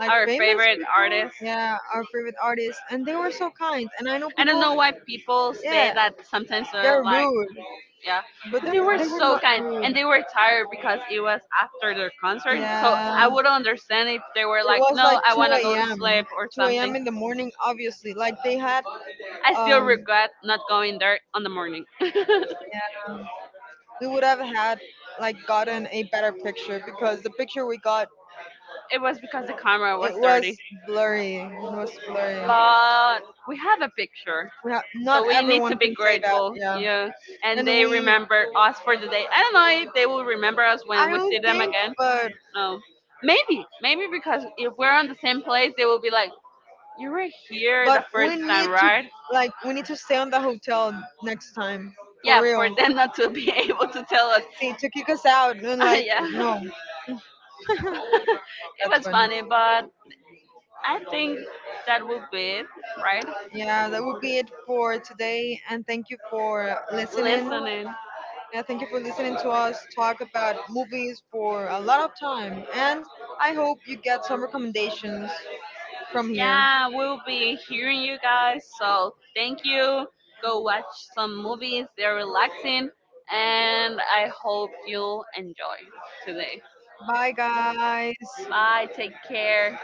Speaker 2: like
Speaker 1: Our
Speaker 2: famous
Speaker 1: favorite
Speaker 2: people,
Speaker 1: artist.
Speaker 2: yeah, our favorite artists, and they were so kind. And I know
Speaker 1: I don't know
Speaker 2: people,
Speaker 1: why people say
Speaker 2: yeah,
Speaker 1: that sometimes they're
Speaker 2: they're
Speaker 1: like,
Speaker 2: rude,
Speaker 1: yeah,
Speaker 2: but
Speaker 1: but they were
Speaker 2: they were
Speaker 1: so
Speaker 2: not
Speaker 1: kind,
Speaker 2: rude.
Speaker 1: and they were tired because it was after their concert, so
Speaker 2: Yeah,
Speaker 1: I
Speaker 2: it
Speaker 1: would understand if they were like,
Speaker 2: was like
Speaker 1: no, I want to
Speaker 2: 2
Speaker 1: go to
Speaker 2: a.m.
Speaker 1: sleep or
Speaker 2: 2 a.m.
Speaker 1: something.
Speaker 2: in the morning, obviously. Like they had
Speaker 1: I still
Speaker 2: um,
Speaker 1: regret not going there on the morning.
Speaker 2: going
Speaker 1: It
Speaker 2: there. Yeah, we would have had like gotten a better picture because the picture we got
Speaker 1: was because the camera
Speaker 2: was
Speaker 1: was
Speaker 2: it was
Speaker 1: dirty,
Speaker 2: blurry. It was blurry.
Speaker 1: but we have a picture,
Speaker 2: Not
Speaker 1: so
Speaker 2: we really
Speaker 1: we need to
Speaker 2: everyone
Speaker 1: be
Speaker 2: can say that. Grateful.
Speaker 1: grateful.
Speaker 2: Yeah,
Speaker 1: Yeah,
Speaker 2: yeah.
Speaker 1: and
Speaker 2: And
Speaker 1: they
Speaker 2: we
Speaker 1: remember us for the day. I don't know if they
Speaker 2: when
Speaker 1: will remember us
Speaker 2: I
Speaker 1: when we
Speaker 2: because
Speaker 1: see
Speaker 2: we don't
Speaker 1: them
Speaker 2: think,
Speaker 1: again.
Speaker 2: but
Speaker 1: No, maybe because if we're on the same place, they will be like, you were here the
Speaker 2: but we
Speaker 1: first
Speaker 2: need
Speaker 1: time,
Speaker 2: time,
Speaker 1: right?
Speaker 2: to like we need to stay on the hotel next time. Yeah,
Speaker 1: Yeah,
Speaker 2: for real.
Speaker 1: for
Speaker 2: Not
Speaker 1: them not to be able to tell us.
Speaker 2: see to kick us out and like no.
Speaker 1: Yeah. It
Speaker 2: That's
Speaker 1: was
Speaker 2: funny.
Speaker 1: funny, but I think that will be it, right?
Speaker 2: Yeah, that would be it for today. And thank you for listening.
Speaker 1: Listening.
Speaker 2: Yeah, thank you for listening to us talk about movies for a lot of time. And I hope you get some recommendations from here.
Speaker 1: Yeah, we'll be hearing you guys. So thank you. Go watch some movies. They're relaxing. And I hope you'll enjoy today.
Speaker 2: Bye, guys.
Speaker 1: Bye. Take care.